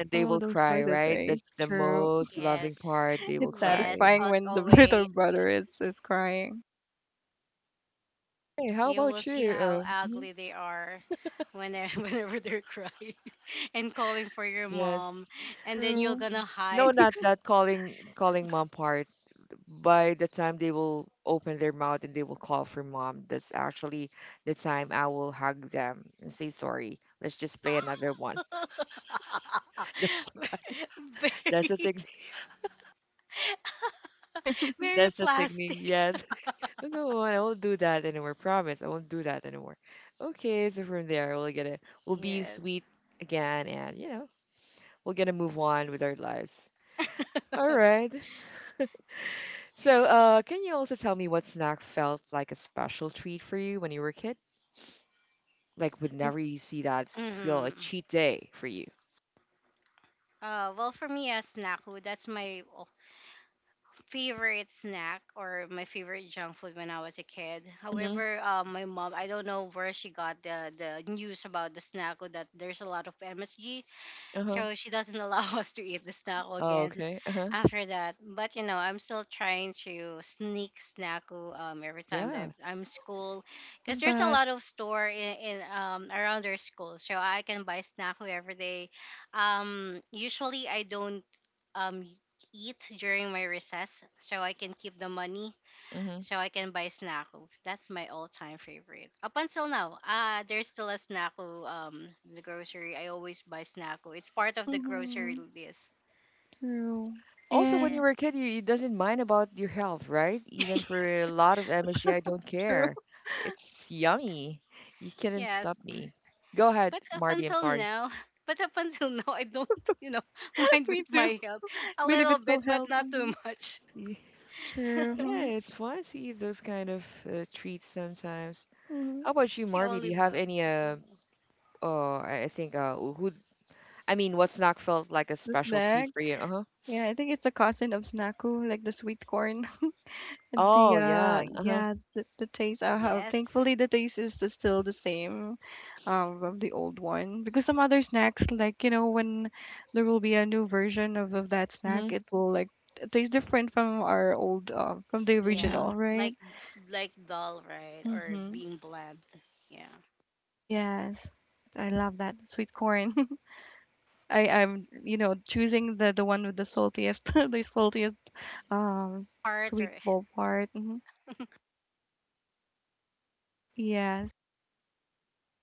[SPEAKER 1] And they
[SPEAKER 2] Oh,
[SPEAKER 1] will
[SPEAKER 2] those were
[SPEAKER 1] cry,
[SPEAKER 2] the
[SPEAKER 1] right?
[SPEAKER 2] days.
[SPEAKER 1] That's the
[SPEAKER 2] True.
[SPEAKER 1] most loving
[SPEAKER 3] yes.
[SPEAKER 1] part. They will
[SPEAKER 2] It's
[SPEAKER 3] Yes.
[SPEAKER 1] cry.
[SPEAKER 2] satisfying
[SPEAKER 3] Us
[SPEAKER 2] when the little
[SPEAKER 3] always.
[SPEAKER 2] brother is crying.
[SPEAKER 1] Hey, how
[SPEAKER 3] You will
[SPEAKER 1] about
[SPEAKER 3] see
[SPEAKER 1] you?
[SPEAKER 3] how
[SPEAKER 1] Mhm,
[SPEAKER 3] ugly they are
[SPEAKER 1] Yes,
[SPEAKER 3] whenever they're crying and calling for your mom,
[SPEAKER 1] yes.
[SPEAKER 3] and then you're
[SPEAKER 2] True.
[SPEAKER 3] gonna
[SPEAKER 1] No,
[SPEAKER 3] hide
[SPEAKER 1] not
[SPEAKER 3] because
[SPEAKER 1] that calling mom part. By the time they will open their mouth and they will call for mom, that's actually the time I will hug them and say sorry. Let's just play another one. That's the kind- that's the
[SPEAKER 3] very
[SPEAKER 1] technique. That's the technique.
[SPEAKER 3] plastic.
[SPEAKER 1] Yes. Look at one. I won't do that anymore. Promise, I won't do that anymore. Okay, so from there we'll get a we'll be
[SPEAKER 3] Yes.
[SPEAKER 1] sweet again, and you know we'll get to move on with our lives. All right. So, can you also tell me what snack felt like a special treat for you when you were a kid? Like, would never
[SPEAKER 2] It's
[SPEAKER 1] you see that feel a
[SPEAKER 3] Mm-hmm.
[SPEAKER 1] cheat day for you?
[SPEAKER 3] Well, for me, as snack food, that's my favorite snack or my favorite junk food when I was a kid.
[SPEAKER 1] Mm-hmm.
[SPEAKER 3] However, my mom, I don't know where she got the news about the snack food that there's a lot of MSG.
[SPEAKER 1] Uh huh.
[SPEAKER 3] So she doesn't allow us to eat the snack
[SPEAKER 1] Oh,
[SPEAKER 3] again
[SPEAKER 1] okay. Uh huh.
[SPEAKER 3] after that. But you know, I'm still trying to sneak snacku every time that
[SPEAKER 1] Yeah.
[SPEAKER 3] I'm school
[SPEAKER 2] I
[SPEAKER 3] because
[SPEAKER 2] love
[SPEAKER 3] there's a
[SPEAKER 2] that.
[SPEAKER 3] lot of store in around our school. So I can buy snacku every day. Usually I don't um eat during my recess so I can keep the money
[SPEAKER 1] Mm-hmm.
[SPEAKER 3] so I can buy Snacku. That's my all-time favorite. Up until now, ah, there's still a Snacku. The grocery. I always buy Snacku. It's part of the grocery
[SPEAKER 2] Hmm.
[SPEAKER 3] list.
[SPEAKER 2] True.
[SPEAKER 1] Also, when you
[SPEAKER 2] And
[SPEAKER 1] were a
[SPEAKER 3] Yes.
[SPEAKER 1] kid, you doesn't mind about your health, right? Even for a
[SPEAKER 3] Yes.
[SPEAKER 1] lot of
[SPEAKER 2] yes,
[SPEAKER 1] MSG, I don't
[SPEAKER 2] true.
[SPEAKER 1] care. It's yummy. You couldn't stop
[SPEAKER 3] Yes.
[SPEAKER 1] me. Go ahead,
[SPEAKER 3] But up
[SPEAKER 1] Marby. I'm
[SPEAKER 3] until
[SPEAKER 1] sorry.
[SPEAKER 3] now, but up until now, I don't, you know, mind
[SPEAKER 2] Me
[SPEAKER 3] with
[SPEAKER 2] too.
[SPEAKER 3] my health a
[SPEAKER 2] But if
[SPEAKER 3] little
[SPEAKER 2] it's so
[SPEAKER 3] bit, but
[SPEAKER 2] help.
[SPEAKER 3] not
[SPEAKER 2] Hmm.
[SPEAKER 3] too much.
[SPEAKER 1] Y- Yeah,
[SPEAKER 2] True.
[SPEAKER 1] it's fun to eat those kind of treats sometimes.
[SPEAKER 2] Hmm.
[SPEAKER 1] How about you,
[SPEAKER 3] I
[SPEAKER 1] Marby? Do
[SPEAKER 3] only
[SPEAKER 1] you have
[SPEAKER 3] love
[SPEAKER 1] any?
[SPEAKER 3] oatmeal.
[SPEAKER 1] Oh, I think. Who? I mean, what snack felt like a
[SPEAKER 2] The
[SPEAKER 1] special
[SPEAKER 2] snack.
[SPEAKER 1] treat for you? Uh huh.
[SPEAKER 2] Yeah, I think it's a cousin of Snaku, like the sweet corn. The
[SPEAKER 1] Oh
[SPEAKER 2] uh,
[SPEAKER 1] yeah. Uh huh.
[SPEAKER 2] yeah, the taste I have,
[SPEAKER 3] Yes.
[SPEAKER 2] thankfully the taste is still the same um, of the old one, because some other snacks, like, you know, when there will be a new version of that snack,
[SPEAKER 1] Mhm.
[SPEAKER 2] it will like taste different from our old from the
[SPEAKER 3] Yeah.
[SPEAKER 1] Mhm.
[SPEAKER 2] original, right?
[SPEAKER 3] Like, like dull, right? Or
[SPEAKER 2] Mm-hmm.
[SPEAKER 3] being bland. Yeah.
[SPEAKER 2] Yes. I love that sweet corn. I'm you know, choosing the one with the saltiest, the saltiest um
[SPEAKER 3] Part
[SPEAKER 2] sweet
[SPEAKER 3] or.
[SPEAKER 2] ball part. Hmm. Yes.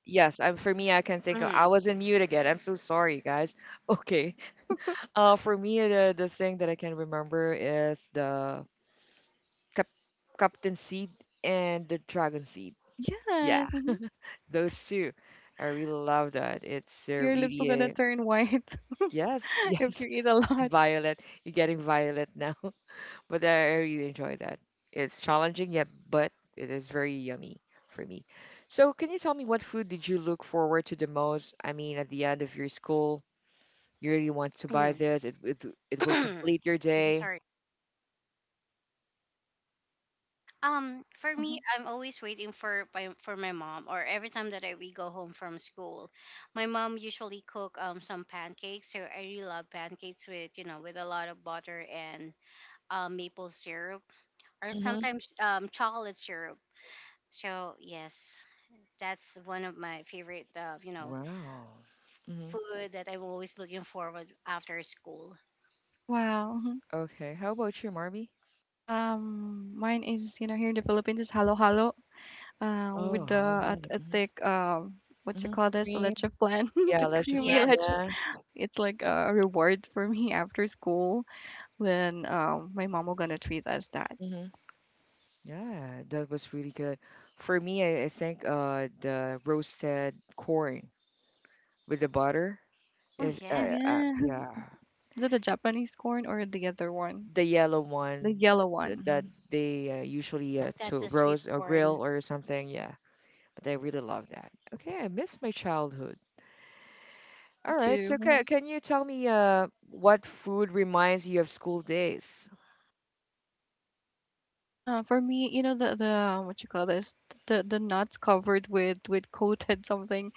[SPEAKER 1] Yes. I'm. For me, I can think. Of,
[SPEAKER 3] Hmm.
[SPEAKER 1] I was in mute again. I'm so sorry, guys. Okay. For me, the thing that I can remember is the cap- Captain Seed and the Dragon Seed.
[SPEAKER 2] Oh
[SPEAKER 1] Yeah,
[SPEAKER 2] yes. Mm-hmm.
[SPEAKER 1] those two. I really love that. It's
[SPEAKER 2] Your lips are
[SPEAKER 1] really
[SPEAKER 2] gonna
[SPEAKER 1] a
[SPEAKER 2] turn white
[SPEAKER 1] yes,
[SPEAKER 2] if
[SPEAKER 1] yes.
[SPEAKER 2] you eat a
[SPEAKER 1] And
[SPEAKER 2] lot.
[SPEAKER 1] Violet, you're getting Violet now, but I really enjoy that. It's challenging, yet but it is very yummy for me. So, can you tell me what food did you look forward to the most? I mean, at the end of your school, you really want to buy this. It will complete your
[SPEAKER 3] Okay,
[SPEAKER 1] day.
[SPEAKER 3] sorry. For me,
[SPEAKER 2] Mhm.
[SPEAKER 3] I'm always waiting for my mom, or every time that I we go home from school, my mom usually cook some pancakes. So I really love pancakes with you know with a lot of butter and maple syrup, or sometimes chocolate syrup. So yes, that's one of my favorite you know
[SPEAKER 1] Wow. Hmm.
[SPEAKER 3] food that I'm always looking forward after school.
[SPEAKER 2] Wow. Mhm.
[SPEAKER 1] Okay. How about you, Marby?
[SPEAKER 2] Mine is, you know, here in the Philippines, is halo halo,
[SPEAKER 1] Oh,
[SPEAKER 2] with the
[SPEAKER 1] how
[SPEAKER 2] I,
[SPEAKER 1] about it?
[SPEAKER 2] I
[SPEAKER 1] Mhm.
[SPEAKER 2] think what you
[SPEAKER 1] Hmm.
[SPEAKER 2] call this,
[SPEAKER 1] Cream.
[SPEAKER 2] leche plan,
[SPEAKER 1] Yeah,
[SPEAKER 2] the
[SPEAKER 1] Leche
[SPEAKER 2] creamy
[SPEAKER 1] flan.
[SPEAKER 3] Yes,
[SPEAKER 2] leche.
[SPEAKER 1] Yeah.
[SPEAKER 2] It's like a reward for me after school, when um, my mom will gonna treat us that.
[SPEAKER 1] Hmm. Yeah, that was really good. For me, I think the roasted corn with the butter.
[SPEAKER 3] oh
[SPEAKER 1] If
[SPEAKER 2] Oh
[SPEAKER 3] yes,
[SPEAKER 2] yeah,
[SPEAKER 1] yeah,
[SPEAKER 2] is it the Japanese corn or the other one,
[SPEAKER 1] the yellow
[SPEAKER 2] the
[SPEAKER 1] one
[SPEAKER 2] yellow one?
[SPEAKER 1] that
[SPEAKER 2] Mhm.
[SPEAKER 1] they usually
[SPEAKER 3] that's
[SPEAKER 1] to
[SPEAKER 3] a sweet
[SPEAKER 1] roast or grill
[SPEAKER 3] corn.
[SPEAKER 1] or something. Yeah, but I really love that. Okay, I miss my childhood.
[SPEAKER 2] Me
[SPEAKER 1] All right.
[SPEAKER 2] too.
[SPEAKER 1] So
[SPEAKER 2] Mm-hmm.
[SPEAKER 1] can you tell me what food reminds you of school days?
[SPEAKER 2] Huh, for me, you know, the what you call this, the nuts covered with coated something.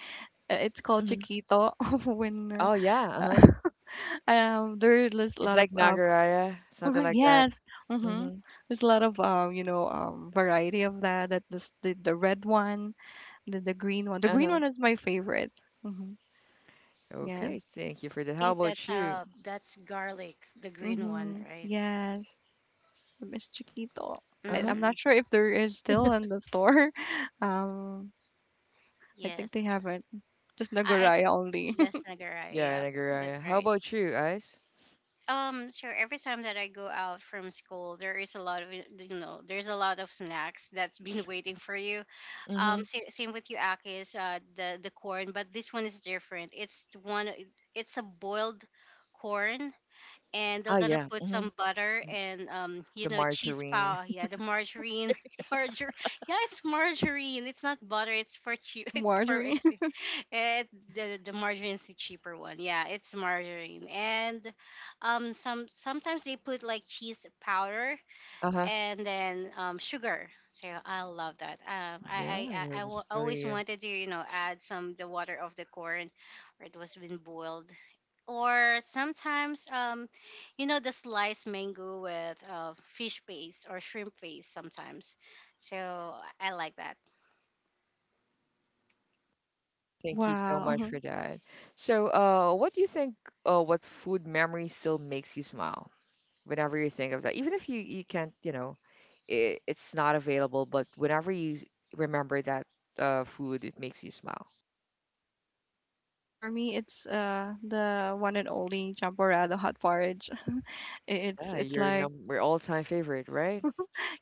[SPEAKER 2] It's called
[SPEAKER 1] Hmm.
[SPEAKER 2] chiquito. When
[SPEAKER 1] Oh yeah, uh-huh.
[SPEAKER 2] there- there's a
[SPEAKER 1] It's
[SPEAKER 2] lot of
[SPEAKER 1] like
[SPEAKER 2] uh,
[SPEAKER 1] Nagaraya, something like that.
[SPEAKER 2] yes, mm-hmm.
[SPEAKER 1] Mm-hmm.
[SPEAKER 2] There's a lot of um, you know, um, variety of that. That this the red one, the green one. The green
[SPEAKER 1] Uh-huh.
[SPEAKER 2] one is my favorite. Mm-hmm. Yes.
[SPEAKER 1] Okay, thank you for that. How
[SPEAKER 3] Think
[SPEAKER 1] about you?
[SPEAKER 3] that's garlic, the green one,
[SPEAKER 2] Mm-hmm.
[SPEAKER 3] right?
[SPEAKER 2] Yes. I miss chiquito. I,
[SPEAKER 1] Uh-huh.
[SPEAKER 2] I'm
[SPEAKER 3] Mm-hmm.
[SPEAKER 2] not sure if there is still in the store. Um, I think
[SPEAKER 3] Yes.
[SPEAKER 2] they haven't. Just
[SPEAKER 3] I
[SPEAKER 2] Nagoya only.
[SPEAKER 3] yes, nagarai.
[SPEAKER 1] Yeah,
[SPEAKER 3] Yeah, that's
[SPEAKER 1] Nagaraya. How
[SPEAKER 3] right.
[SPEAKER 1] about you, Ice?
[SPEAKER 3] So every time that I go out from school, there is a lot of you know, there's a lot of snacks that's been waiting for you.
[SPEAKER 1] Mm-hmm.
[SPEAKER 3] Same with you, Akis, the corn, but this one is different. It's a boiled corn, and they're
[SPEAKER 1] Oh
[SPEAKER 3] gonna
[SPEAKER 1] yeah.
[SPEAKER 3] put
[SPEAKER 1] Mm-hmm.
[SPEAKER 3] some butter and you
[SPEAKER 1] The
[SPEAKER 3] know cheese
[SPEAKER 1] margarine.
[SPEAKER 3] pow, yeah, the margarine margar. Yeah, it's margarine, it's not butter, it's for cheap. it's for
[SPEAKER 2] Margarine.
[SPEAKER 3] ex- it, The margarine is the cheaper one. Yeah, it's margarine, and sometimes they put like cheese powder,
[SPEAKER 1] Uh-huh.
[SPEAKER 3] and then sugar. So I love that.
[SPEAKER 1] Yeah, that
[SPEAKER 3] I wa-
[SPEAKER 1] was
[SPEAKER 3] always
[SPEAKER 1] really
[SPEAKER 3] wanted to you know add some the water of the corn, or it was been boiled, or sometimes you know the sliced mango with fish paste or shrimp paste sometimes. So I like that.
[SPEAKER 1] thank you so much
[SPEAKER 2] Wow.
[SPEAKER 1] for that. So, what do you think what food memory still makes you smile? Whenever you think of that even if you can't you know it's not available but whenever you remember that food it makes you smile.
[SPEAKER 2] For me, it's the one and only champorado hot porridge.
[SPEAKER 1] Yeah,
[SPEAKER 2] It's
[SPEAKER 1] your
[SPEAKER 2] like
[SPEAKER 1] number all-time favorite, right?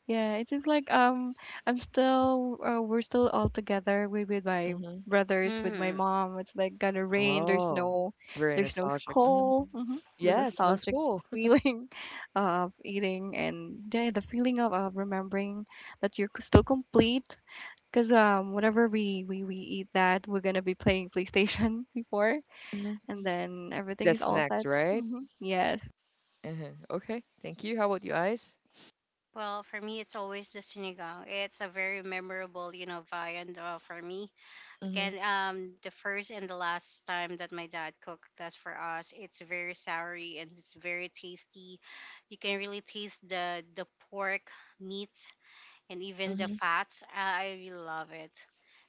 [SPEAKER 2] yeah, it seems like um, I'm still we're still all together with my
[SPEAKER 1] Mm-hmm.
[SPEAKER 2] brothers with my
[SPEAKER 3] Hmm.
[SPEAKER 2] mom. It's like gonna rain. There's
[SPEAKER 1] Oh,
[SPEAKER 2] no,
[SPEAKER 1] it's very
[SPEAKER 2] there's no
[SPEAKER 1] nostalgic. Hmm.
[SPEAKER 2] school. Hmm. The
[SPEAKER 1] Yes, no
[SPEAKER 2] nostalgic
[SPEAKER 1] school.
[SPEAKER 2] feeling of eating, and yeah, the feeling of remembering that you're still complete. Cause um, whenever we, we eat that, we're gonna be playing PlayStation before,
[SPEAKER 1] Hmm.
[SPEAKER 2] and then everything is
[SPEAKER 1] That's
[SPEAKER 2] all
[SPEAKER 1] next,
[SPEAKER 2] set.
[SPEAKER 1] right?
[SPEAKER 2] Hmm. Yes.
[SPEAKER 1] Uh huh. Okay, thank you. How about you guys?
[SPEAKER 3] Well, for me, it's always the sinigang. It's a very memorable you know viand for me.
[SPEAKER 1] Hmm.
[SPEAKER 3] Again, the first and the last time that my dad cooked that's for us. It's very soury and it's very tasty. You can really taste the pork meat and even the
[SPEAKER 1] Hmm.
[SPEAKER 3] fats. I really love it.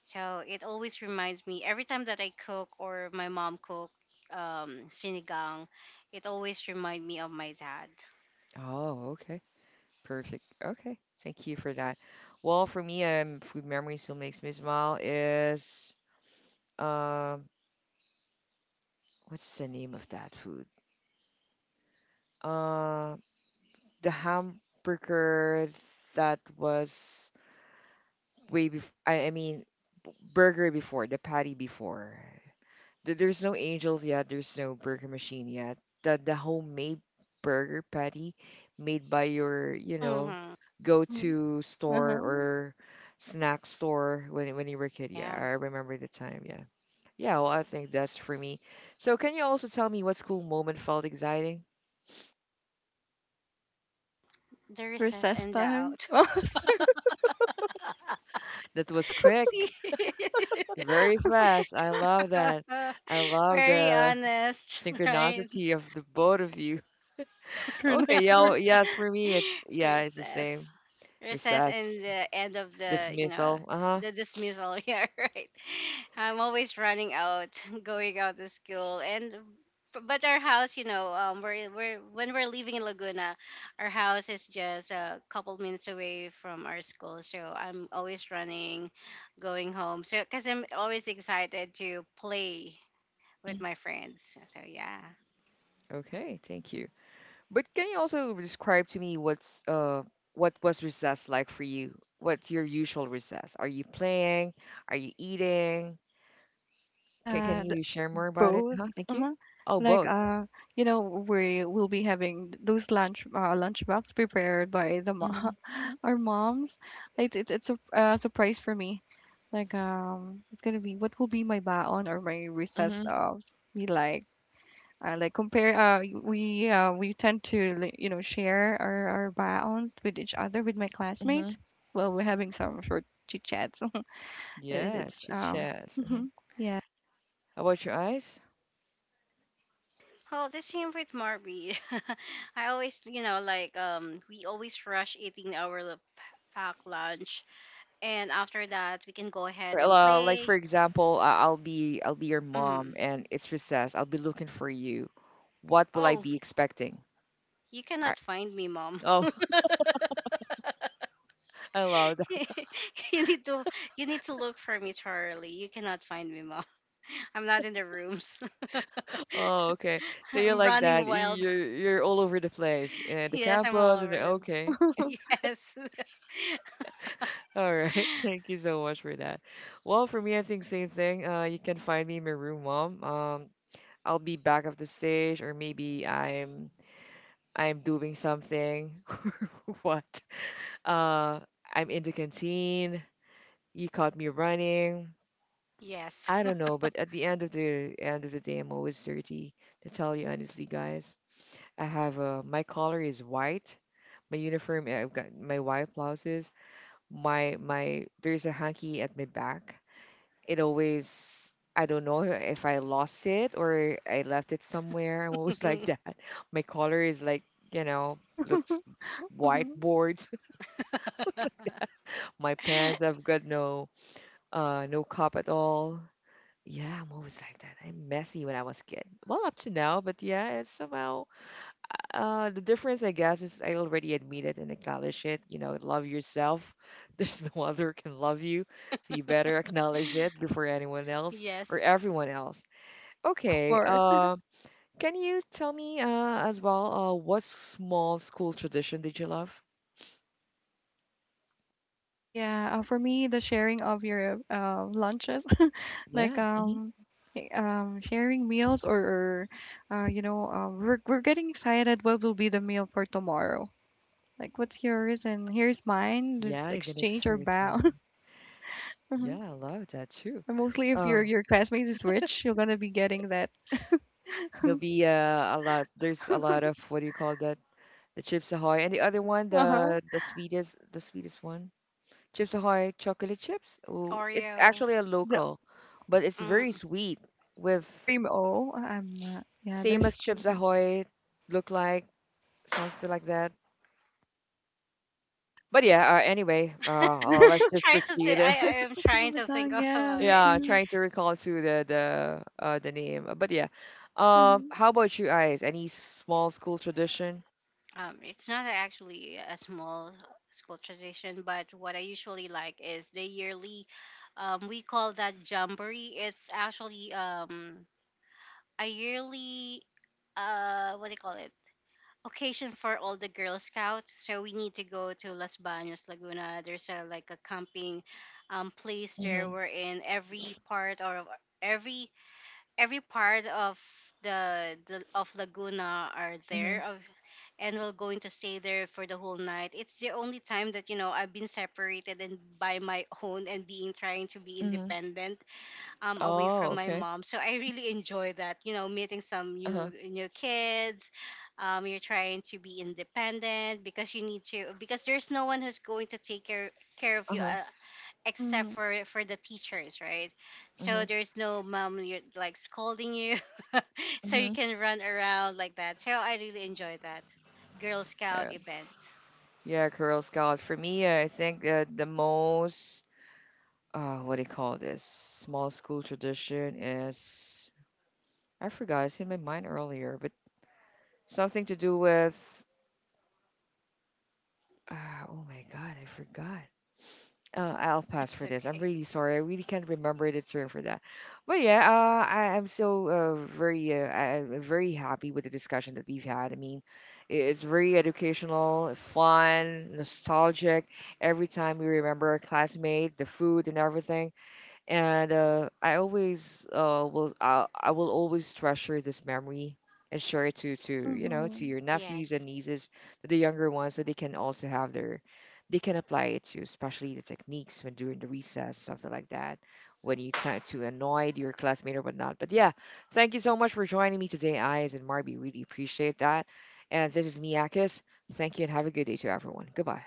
[SPEAKER 3] So it always reminds me every time that I cook or my mom cook sinigang, it always reminds me of my dad.
[SPEAKER 1] Oh, okay. Perfect. Okay, thank you for that. Well, for me, food memory still makes me smile is um what's the name of that food? Uh, the hamburger that was way before. I mean, burger before the patty before. There's no angels yet. There's no burger machine yet. The homemade burger patty made by your you know
[SPEAKER 3] Mm-hmm.
[SPEAKER 2] Hmm.
[SPEAKER 1] go-to store
[SPEAKER 2] Uh-huh.
[SPEAKER 1] or snack store when you were a kid. Yeah,
[SPEAKER 3] Yeah,
[SPEAKER 1] I remember the time. Yeah. Yeah, well, I think that's for me. So, can you also tell me what school moment felt exciting?
[SPEAKER 3] the recess
[SPEAKER 2] Recess
[SPEAKER 3] and the
[SPEAKER 2] time.
[SPEAKER 3] out.
[SPEAKER 2] Oh,
[SPEAKER 1] That was
[SPEAKER 3] See,
[SPEAKER 1] quick, very fast. I love that. I love
[SPEAKER 3] very
[SPEAKER 1] the
[SPEAKER 3] honest, right?
[SPEAKER 1] synchronicity of the both of you. Okay,
[SPEAKER 2] synchronized
[SPEAKER 1] yeah,
[SPEAKER 2] work.
[SPEAKER 1] well, yes, for me, it's yeah, it's the same.
[SPEAKER 3] recess Recess and
[SPEAKER 1] Recess,
[SPEAKER 3] the end of the you know
[SPEAKER 1] dismissal. Uh-huh.
[SPEAKER 3] the dismissal. Yeah, right, I'm always running out going out to school. And but our house you know we're when we're living in laguna, our house is just a couple minutes away from our school, so I'm always running going home, so because I'm always excited to play with my friends. So yeah.
[SPEAKER 1] Okay, thank you. But can you also describe to me what was recess like for you? What's your usual recess? Are you playing? Are you eating? Can
[SPEAKER 2] Yeah,
[SPEAKER 1] you share more about it?
[SPEAKER 2] both.
[SPEAKER 1] Huh? Thank you.
[SPEAKER 2] Uh-huh.
[SPEAKER 1] Oh,
[SPEAKER 2] Like
[SPEAKER 1] both.
[SPEAKER 2] you know, we will be having those lunch lunch box prepared by the mo
[SPEAKER 1] Mm-hmm.
[SPEAKER 2] our moms. It, it's a surprise for me. Like it's gonna be what will be my baon or my recess
[SPEAKER 1] Mm-hmm.
[SPEAKER 2] uh, be like. Like compare we tend to like, you know, share our baon with each other, with my
[SPEAKER 1] Mm-hmm.
[SPEAKER 2] classmates, well, we're having some short chit chats. it,
[SPEAKER 1] Yeah,
[SPEAKER 2] it's
[SPEAKER 1] chit
[SPEAKER 2] um,
[SPEAKER 1] chats.
[SPEAKER 2] mhm, yeah.
[SPEAKER 1] How about your eyes?
[SPEAKER 3] Well, the same with Marby. I always, you know, like we always rush eating our packed lunch, and after that, we can go
[SPEAKER 1] For,
[SPEAKER 3] ahead and
[SPEAKER 1] like
[SPEAKER 3] play.
[SPEAKER 1] for example, I'll be your mom,
[SPEAKER 3] Mm.
[SPEAKER 1] and it's recess. I'll be looking for you. What will I
[SPEAKER 3] Oh,
[SPEAKER 1] be expecting?
[SPEAKER 3] you
[SPEAKER 1] I,
[SPEAKER 3] cannot find me, mom.
[SPEAKER 1] oh, I love that.
[SPEAKER 3] you need to, you need to look for me thoroughly. You cannot find me, mom. I'm not in the rooms.
[SPEAKER 1] Oh, okay. So you're
[SPEAKER 3] I'm
[SPEAKER 1] like that.
[SPEAKER 3] running wild.
[SPEAKER 1] You're all over the place, the
[SPEAKER 3] Yes, I'm all
[SPEAKER 1] campus, and the,
[SPEAKER 3] over them.
[SPEAKER 1] okay.
[SPEAKER 3] Yes,
[SPEAKER 1] All right. Thank you so much for that. Well, for me, I think same thing. You can find me in my room, mom. I'll be back of the stage, or maybe I'm doing something. What? Uh, I'm in the canteen. You caught me running.
[SPEAKER 3] yes,
[SPEAKER 1] I don't know, but at the end of the day, I'm always dirty. To tell you honestly, guys, I have my collar is white. My uniform, I've got my white blouses. My there's a hanky at my back. It always. I don't know if I lost it or I left it somewhere. I'm always like that. My collar is like, you know, looks
[SPEAKER 2] Mhm.
[SPEAKER 1] whiteboards. My pants, I've got no. No cup at all. Yeah, I'm always like that. I'm messy when I was a kid. Well, up to now, but yeah, it's somehow the difference, I guess, is I already admit it and acknowledge it. You know, love yourself. There's no other can love you, so you better acknowledge it before anyone else or
[SPEAKER 3] yes.
[SPEAKER 1] everyone else.
[SPEAKER 2] Of
[SPEAKER 1] Okay.
[SPEAKER 2] course.
[SPEAKER 1] Can you tell me as well what small school tradition did you love?
[SPEAKER 2] Yeah, for me, the sharing of your uh, lunches. Like
[SPEAKER 1] Yeah. Hmm.
[SPEAKER 2] um, sharing meals, or uh, you know um, we're getting excited, what will be the meal for tomorrow. Like, what's yours and here's mine, let's
[SPEAKER 1] Yeah, you're gonna
[SPEAKER 2] exchange our
[SPEAKER 1] experience
[SPEAKER 2] bow.
[SPEAKER 1] one. Yeah, I love that too.
[SPEAKER 2] And mostly if your
[SPEAKER 1] Uh,
[SPEAKER 2] your classmate is rich, you're gonna be getting that.
[SPEAKER 1] There'll be a lot. There's a lot of what do you call that? The Chips Ahoy and the other one,
[SPEAKER 2] Uh-huh.
[SPEAKER 1] the sweetest, the sweetest one, Chips Ahoy chocolate chips. Oh, it's
[SPEAKER 3] Oreo.
[SPEAKER 1] actually a
[SPEAKER 2] The
[SPEAKER 1] local, but it's very
[SPEAKER 3] Mm.
[SPEAKER 1] sweet with
[SPEAKER 2] cream O. I'm yeah,
[SPEAKER 1] same
[SPEAKER 2] there's
[SPEAKER 1] as Chips
[SPEAKER 2] cream O.
[SPEAKER 1] Ahoy look like something like that. But yeah, anyway, let's just proceed.
[SPEAKER 3] I am
[SPEAKER 2] It's a little
[SPEAKER 3] trying
[SPEAKER 2] bit
[SPEAKER 3] to think
[SPEAKER 2] tongue, yeah,
[SPEAKER 3] about
[SPEAKER 2] me
[SPEAKER 3] it.
[SPEAKER 1] Yeah,
[SPEAKER 2] too.
[SPEAKER 1] trying to recall to the the name. But yeah,
[SPEAKER 2] Mm-hmm.
[SPEAKER 1] how about you guys? Any small school tradition?
[SPEAKER 3] It's not actually a small school tradition, but what I usually like is the yearly. We call that jamboree. It's actually a yearly what do you call it occasion for all the Girl Scouts. So we need to go to Las Bañas, Laguna. There's a like a camping place there
[SPEAKER 1] Mm-hmm.
[SPEAKER 3] wherein every part of the of Laguna are
[SPEAKER 1] Mm-hmm.
[SPEAKER 3] there of, and we're going to stay there for the whole night. It's the only time that you know I've been separated and by my own and being trying to be independent away
[SPEAKER 1] Oh,
[SPEAKER 3] from my
[SPEAKER 1] okay.
[SPEAKER 3] mom. So I really enjoy that, you know, meeting some
[SPEAKER 1] Uh-huh.
[SPEAKER 3] new kids. Um, you're trying to be independent because you need to, because there's no one who's going to take care of you,
[SPEAKER 1] Uh-huh.
[SPEAKER 3] except
[SPEAKER 2] Mm-hmm.
[SPEAKER 3] for the teachers, right? So
[SPEAKER 1] Mhm.
[SPEAKER 3] there's no mom you're like scolding you. So you
[SPEAKER 1] Mhm.
[SPEAKER 3] can run around like that, so I really enjoy that girl scout
[SPEAKER 1] Yeah.
[SPEAKER 3] event.
[SPEAKER 1] Yeah, Girl Scout. For me, I think the most what do you call this? Small school tradition is I forgot, it's in my mind earlier, but something to do with uh, oh my God, I forgot. I'll pass
[SPEAKER 3] It's
[SPEAKER 1] for this. I'm
[SPEAKER 3] okay.
[SPEAKER 1] really sorry. I really can't remember the term for that. But yeah, I'm still I, I'm very happy with the discussion that we've had. I mean, it's very educational, fun, nostalgic. Every time we remember our classmate, the food and everything and I always I will always treasure this memory and share it to you know to your
[SPEAKER 2] Mm-hmm.
[SPEAKER 1] nephews
[SPEAKER 3] Yes.
[SPEAKER 1] and nieces, to the younger ones, so they can also have their they can apply it to especially the techniques when during the recess something like that when you tend to annoy your classmate or whatnot. But yeah, thank you so much for joining me today, Eyes and Marby. Really appreciate that. And this is Miyakis. Thank you and have a good day to everyone. Goodbye.